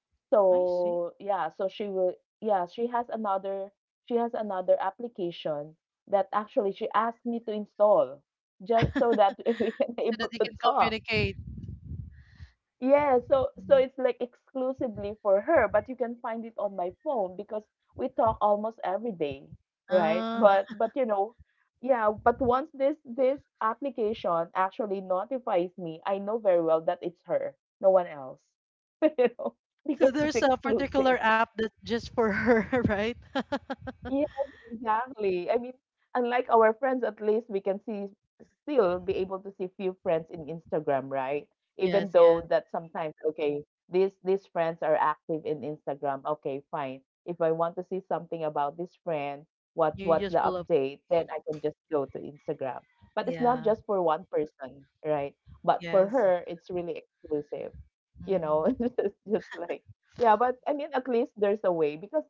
[SPEAKER 2] I see.
[SPEAKER 1] So, yeah, so she will yeah, she has another application that actually she asked me to install just so that we can
[SPEAKER 2] So
[SPEAKER 1] able
[SPEAKER 2] that they
[SPEAKER 1] to
[SPEAKER 2] can
[SPEAKER 1] talk.
[SPEAKER 2] communicate.
[SPEAKER 1] Yeah, so so
[SPEAKER 2] Yeah.
[SPEAKER 1] it's like exclusively for her, but you can find it on my phone because we talk almost every day, right?
[SPEAKER 2] Uh,
[SPEAKER 1] But you know, yeah, but once this application actually notifies me, I know very well that it's her, no one else. You know, because
[SPEAKER 2] so
[SPEAKER 1] it's
[SPEAKER 2] there's a particular
[SPEAKER 1] exclusive.
[SPEAKER 2] app that's just for her, right?
[SPEAKER 1] Yes, exactly. I mean, unlike our friends, at least we can see still be able to see few friends in Instagram, right? Even
[SPEAKER 2] Yes,
[SPEAKER 1] though
[SPEAKER 2] yes.
[SPEAKER 1] that sometimes, okay, these friends are active in Instagram. Okay, fine. If I want to see something about this friend, what's
[SPEAKER 2] You
[SPEAKER 1] what's
[SPEAKER 2] just
[SPEAKER 1] the
[SPEAKER 2] pull up.
[SPEAKER 1] update, then I can just go to Instagram. But it's not
[SPEAKER 2] Yeah,
[SPEAKER 1] just for one person, right? But for
[SPEAKER 2] yes.
[SPEAKER 1] her, it's really exclusive. You
[SPEAKER 2] Hmm.
[SPEAKER 1] know, it's just like yeah, but I mean, at least there's a way because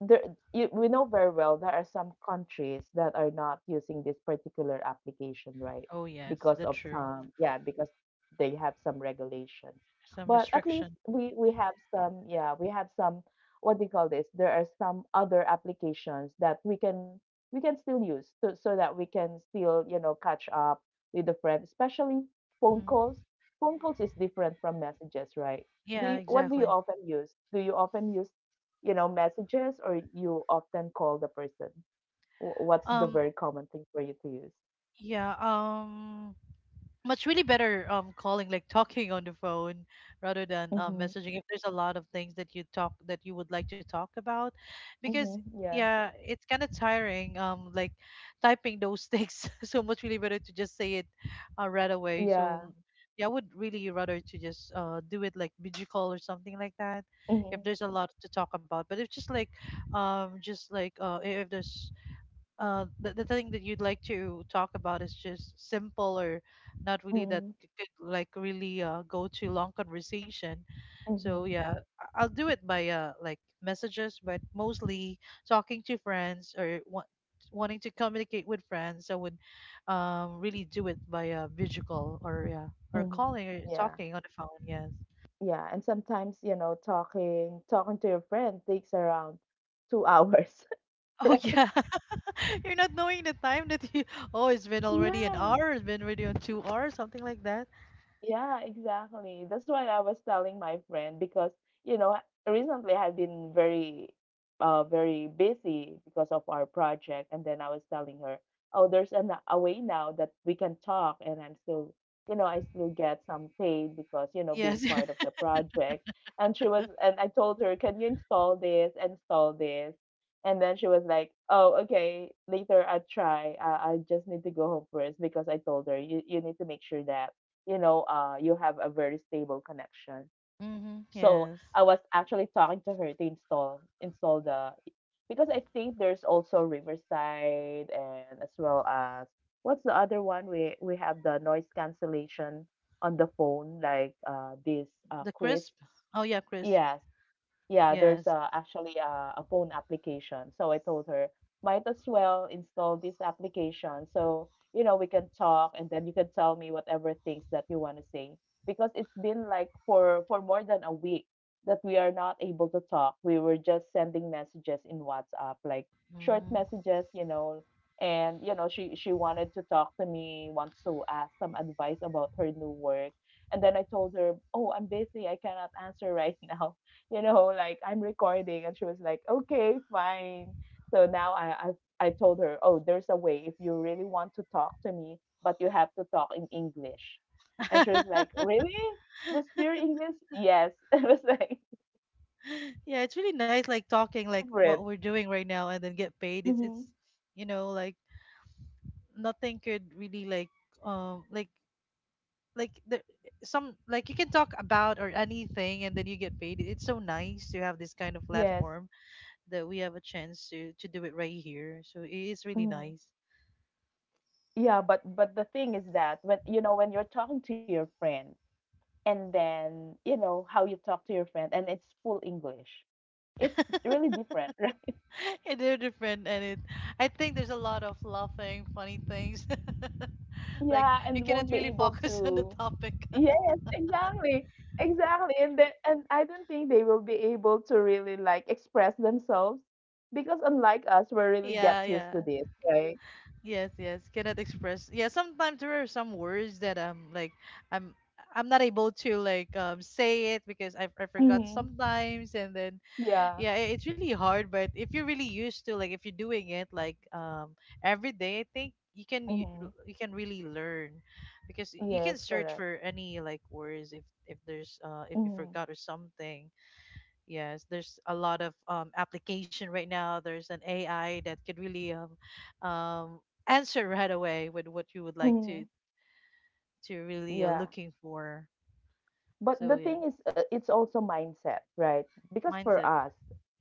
[SPEAKER 1] there we know very well there are some countries that are not using this particular application, right?
[SPEAKER 2] Oh, yes,
[SPEAKER 1] Because
[SPEAKER 2] that's
[SPEAKER 1] of
[SPEAKER 2] true.
[SPEAKER 1] some, yeah, because they have some regulations,
[SPEAKER 2] Some
[SPEAKER 1] but at least
[SPEAKER 2] restriction.
[SPEAKER 1] we have some, yeah, we have some, what do you call this, there are some other applications that we can, we can still use, so, so that we can still, you know, catch up with the friend, especially phone
[SPEAKER 2] Hmm.
[SPEAKER 1] calls. Phone calls is different from messages, right?
[SPEAKER 2] Yeah,
[SPEAKER 1] What do you
[SPEAKER 2] exactly.
[SPEAKER 1] often use? Do you often use, you know, messages, or you often call the person? What's the
[SPEAKER 2] Um,
[SPEAKER 1] very common thing for you to use?
[SPEAKER 2] yeah, much really better calling, like talking on the phone rather than
[SPEAKER 1] Mm-hmm.
[SPEAKER 2] messaging, if there's a lot of things that you would like to talk about, because
[SPEAKER 1] Mm-hmm. Yeah.
[SPEAKER 2] yeah, it's kind of tiring like typing those things. So much really better to just say it right away. So
[SPEAKER 1] Yeah.
[SPEAKER 2] yeah, I would really rather to just do it like video call or something like that
[SPEAKER 1] Mm-hmm.
[SPEAKER 2] if there's a lot to talk about. But if just like if there's the thing that you'd like to talk about is just simple or not really that
[SPEAKER 1] Mm-hmm.
[SPEAKER 2] could like really go to long conversation.
[SPEAKER 1] Mm-hmm.
[SPEAKER 2] So yeah, I'll do it by like messages, but mostly talking to friends or wanting to communicate with friends, I would really do it by video call, or yeah, or
[SPEAKER 1] Mm-hmm.
[SPEAKER 2] calling or
[SPEAKER 1] Yeah.
[SPEAKER 2] talking on the phone. Yes.
[SPEAKER 1] Yeah. And sometimes, you know, talking to your friend takes around 2 hours,
[SPEAKER 2] Oh yeah,
[SPEAKER 1] right?
[SPEAKER 2] you're not knowing the time that you. Oh, it's been already an
[SPEAKER 1] Yeah.
[SPEAKER 2] hour. It's been already on 2 hours, something like that.
[SPEAKER 1] Yeah, exactly. That's what I was telling my friend because, you know, recently I've been very, very busy because of our project. And then I was telling her, oh, there's a way now that we can talk. And I'm still, you know, I still get some paid because, you know, being
[SPEAKER 2] Yes.
[SPEAKER 1] part of the project. And she was, and I told her, can you install this, install this? And then she was like, "Oh, okay. Later, I'll try. I just need to go home first, because I told her, you need to make sure that, you know, you have a very stable connection.
[SPEAKER 2] Mm-hmm.
[SPEAKER 1] So
[SPEAKER 2] Yes.
[SPEAKER 1] I was actually talking to her to install the, because I think there's also Riverside and as well as, what's the other one, we have the noise cancellation on the phone, like this,
[SPEAKER 2] The
[SPEAKER 1] Chris.
[SPEAKER 2] crisp. Oh yeah, crisp.
[SPEAKER 1] Yeah, yeah, there's
[SPEAKER 2] Yes.
[SPEAKER 1] actually a phone application. So I told her, might as well install this application so, you know, we can talk and then you can tell me whatever things that you want to say. Because it's been like for more than a week that we are not able to talk. We were just sending messages in WhatsApp, like short
[SPEAKER 2] Mm.
[SPEAKER 1] messages, you know. And you know, she wanted to talk to me, wants to ask some advice about her new work. And then I told her, "Oh, I'm busy. I cannot answer right now." You know, like I'm recording. And she was like, okay, fine. So now I told her, oh, there's a way if you really want to talk to me, but you have to talk in English. And she was like, really? Just pure English? Yes. I was like,
[SPEAKER 2] Yeah, it's really nice like talking like what
[SPEAKER 1] different.
[SPEAKER 2] we're doing right now and then get paid. It's
[SPEAKER 1] Hmm.
[SPEAKER 2] you know, like nothing could really um like like the some like you can talk about or anything, and then you get paid. It's so nice to have this kind of
[SPEAKER 1] Yes.
[SPEAKER 2] platform that we have a chance to do it right here. So it is really
[SPEAKER 1] Hmm.
[SPEAKER 2] nice.
[SPEAKER 1] Yeah, but the thing is that when, you know, when you're talking to your friend, and then you know how you talk to your friend and it's full English, it's really different, right?
[SPEAKER 2] Yeah, they're different, and it. I think there's a lot of laughing, funny things. Like
[SPEAKER 1] Yeah,
[SPEAKER 2] you
[SPEAKER 1] and
[SPEAKER 2] cannot
[SPEAKER 1] won't be
[SPEAKER 2] really
[SPEAKER 1] able
[SPEAKER 2] focus on the
[SPEAKER 1] to.
[SPEAKER 2] topic.
[SPEAKER 1] Yes, exactly. Exactly. And I don't think they will be able to really like express themselves, because unlike us, we really get
[SPEAKER 2] Yeah,
[SPEAKER 1] used
[SPEAKER 2] yeah,
[SPEAKER 1] to this, right?
[SPEAKER 2] yes, yes. Cannot express. Yeah, sometimes there are some words that I'm like, I'm, I'm not able to like say it because I forgot
[SPEAKER 1] Mm-hmm.
[SPEAKER 2] sometimes, and then
[SPEAKER 1] Yeah.
[SPEAKER 2] yeah, it's really hard. But if you're really used to, like if you're doing it like every day, I think you can
[SPEAKER 1] Mm-hmm.
[SPEAKER 2] you can really learn, because you
[SPEAKER 1] Yes,
[SPEAKER 2] can search
[SPEAKER 1] correct.
[SPEAKER 2] for any like words if there's if you
[SPEAKER 1] Mm-hmm.
[SPEAKER 2] forgot or something. Yes, there's a lot of application right now. There's an AI that could really um answer right away with what you would like
[SPEAKER 1] Mm-hmm.
[SPEAKER 2] to really
[SPEAKER 1] Yeah.
[SPEAKER 2] looking for.
[SPEAKER 1] But
[SPEAKER 2] So
[SPEAKER 1] the
[SPEAKER 2] yes,
[SPEAKER 1] thing is, it's also mindset, right? Because for
[SPEAKER 2] mindset.
[SPEAKER 1] us,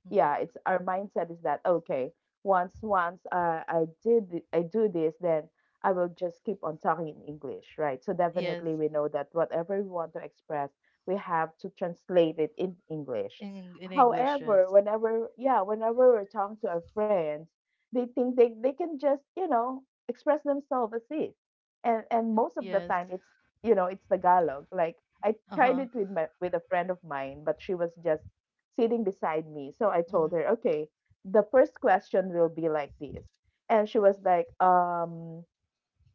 [SPEAKER 2] Hmm.
[SPEAKER 1] yeah, it's, our mindset is that, okay, once I I do this, then I will just keep on talking in English, right? So
[SPEAKER 2] Yes,
[SPEAKER 1] definitely we know that whatever we want to express, we have to translate it in English.
[SPEAKER 2] in English,
[SPEAKER 1] However,
[SPEAKER 2] yes.
[SPEAKER 1] whenever, yeah, whenever we're talking to our friends, they think they can just, you know, express themselves as if. And most of the
[SPEAKER 2] Yes.
[SPEAKER 1] time it's, you know, it's Tagalog. Like I tried
[SPEAKER 2] Uh-huh.
[SPEAKER 1] it with my, with a friend of mine, but she was just sitting beside me. So I told
[SPEAKER 2] Mhm.
[SPEAKER 1] her, okay, the first question will be like this. And she was like,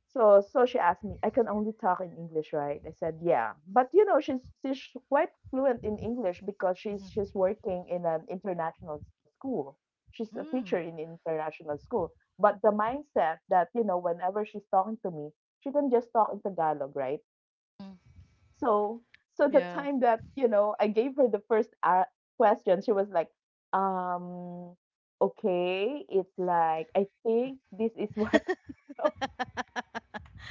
[SPEAKER 1] so she asked me, I can only talk in English, right? I said, yeah. But you know, she's quite fluent in English because she's
[SPEAKER 2] Mhm.
[SPEAKER 1] she's working in an international school. She's a teacher
[SPEAKER 2] Mm.
[SPEAKER 1] in international school. But the mindset that, you know, whenever she's talking to me, she can just talk in Tagalog, right?
[SPEAKER 2] Mm.
[SPEAKER 1] So, so the
[SPEAKER 2] Yeah.
[SPEAKER 1] time that, you know, I gave her the first question, she was like, um, okay, it's like, I think this is what I'm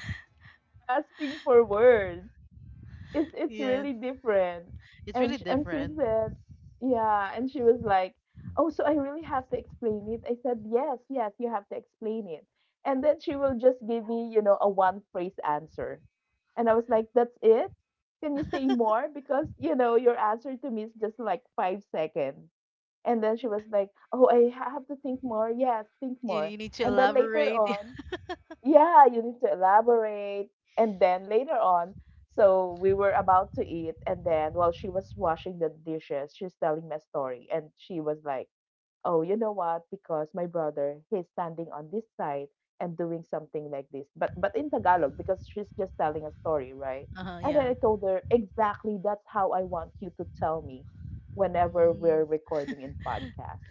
[SPEAKER 1] asking for words, it's
[SPEAKER 2] Yes.
[SPEAKER 1] really different.
[SPEAKER 2] It's really
[SPEAKER 1] And she
[SPEAKER 2] different.
[SPEAKER 1] said, yeah, and she was like, oh, so I really have to explain it. I said, yes, yes, you have to explain it. And then she will just give me, you know, a one phrase answer. And I was like, that's it? Can you say more? Because, you know, your answer to me is just like 5 seconds. And then she was like, oh, have to think more. Yes, think
[SPEAKER 2] You,
[SPEAKER 1] more.
[SPEAKER 2] you need to
[SPEAKER 1] And then later
[SPEAKER 2] elaborate.
[SPEAKER 1] on, yeah, you need to elaborate. And then later on, so we were about to eat, and then while she was washing the dishes, she's telling me a story, and she was like, oh, you know what? Because my brother, he's standing on this side and doing something like this, but in Tagalog because she's just telling a story, right?
[SPEAKER 2] Uh-huh,
[SPEAKER 1] And then
[SPEAKER 2] yeah.
[SPEAKER 1] I told her, exactly that's how I want you to tell me whenever
[SPEAKER 2] Mm.
[SPEAKER 1] we're recording in podcast.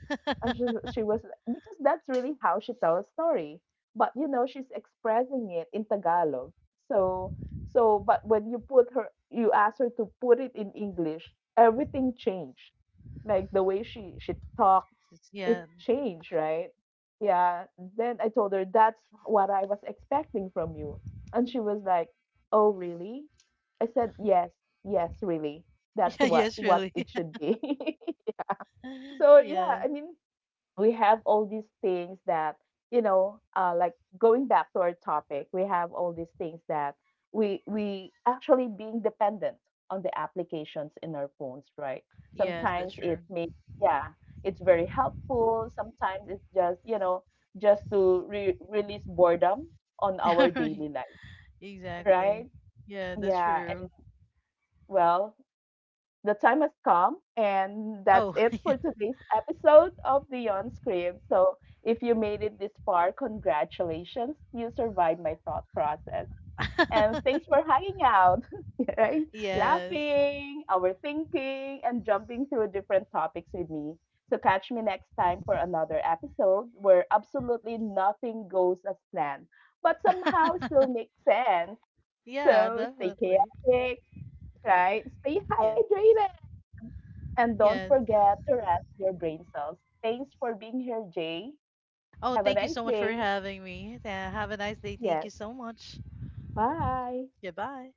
[SPEAKER 1] And she was, because that's really how she tells a story, but you know she's expressing it in Tagalog. So, so but when you put her, you ask her to put it in English, everything changed, like the way she talked,
[SPEAKER 2] It's-
[SPEAKER 1] it
[SPEAKER 2] yeah.
[SPEAKER 1] changed, right? Yeah. Then I told her, that's what I was expecting from you. And she was like, "Oh, really?" I said, "Yes, yes, really. That's
[SPEAKER 2] Yeah,
[SPEAKER 1] what
[SPEAKER 2] yes,
[SPEAKER 1] what
[SPEAKER 2] really.
[SPEAKER 1] it should be." So, yeah,
[SPEAKER 2] Yes.
[SPEAKER 1] I mean, we have all these things that, you know, like, going back to our topic, we have all these things that we actually being dependent on the applications in our phones, right?
[SPEAKER 2] Yes, that's
[SPEAKER 1] Sometimes
[SPEAKER 2] true.
[SPEAKER 1] it may, yeah, it's very helpful, sometimes it's just, you know, just to release boredom on our
[SPEAKER 2] Alright.
[SPEAKER 1] daily life,
[SPEAKER 2] Exactly.
[SPEAKER 1] right?
[SPEAKER 2] Yeah, that's
[SPEAKER 1] Yeah,
[SPEAKER 2] true.
[SPEAKER 1] and, well, the time has come, and that's
[SPEAKER 2] Oh,
[SPEAKER 1] it
[SPEAKER 2] yeah.
[SPEAKER 1] for today's episode of the Script. So, if you made it this far, congratulations. You survived my thought process. And thanks for hanging out, right?
[SPEAKER 2] Yes.
[SPEAKER 1] Laughing, overthinking, and jumping through different topics with me. So, catch me next time for another episode where absolutely nothing goes as planned, but somehow still makes sense.
[SPEAKER 2] Yeah,
[SPEAKER 1] So, stay
[SPEAKER 2] definitely.
[SPEAKER 1] chaotic, right? Stay
[SPEAKER 2] Yes.
[SPEAKER 1] hydrated and don't
[SPEAKER 2] Yes.
[SPEAKER 1] forget to rest your brain cells. Thanks for being here, Jay.
[SPEAKER 2] Oh,
[SPEAKER 1] Have a
[SPEAKER 2] thank you so
[SPEAKER 1] nice
[SPEAKER 2] much for
[SPEAKER 1] day.
[SPEAKER 2] having me. Have a nice day. Thank you
[SPEAKER 1] Yes,
[SPEAKER 2] so much.
[SPEAKER 1] bye.
[SPEAKER 2] Goodbye.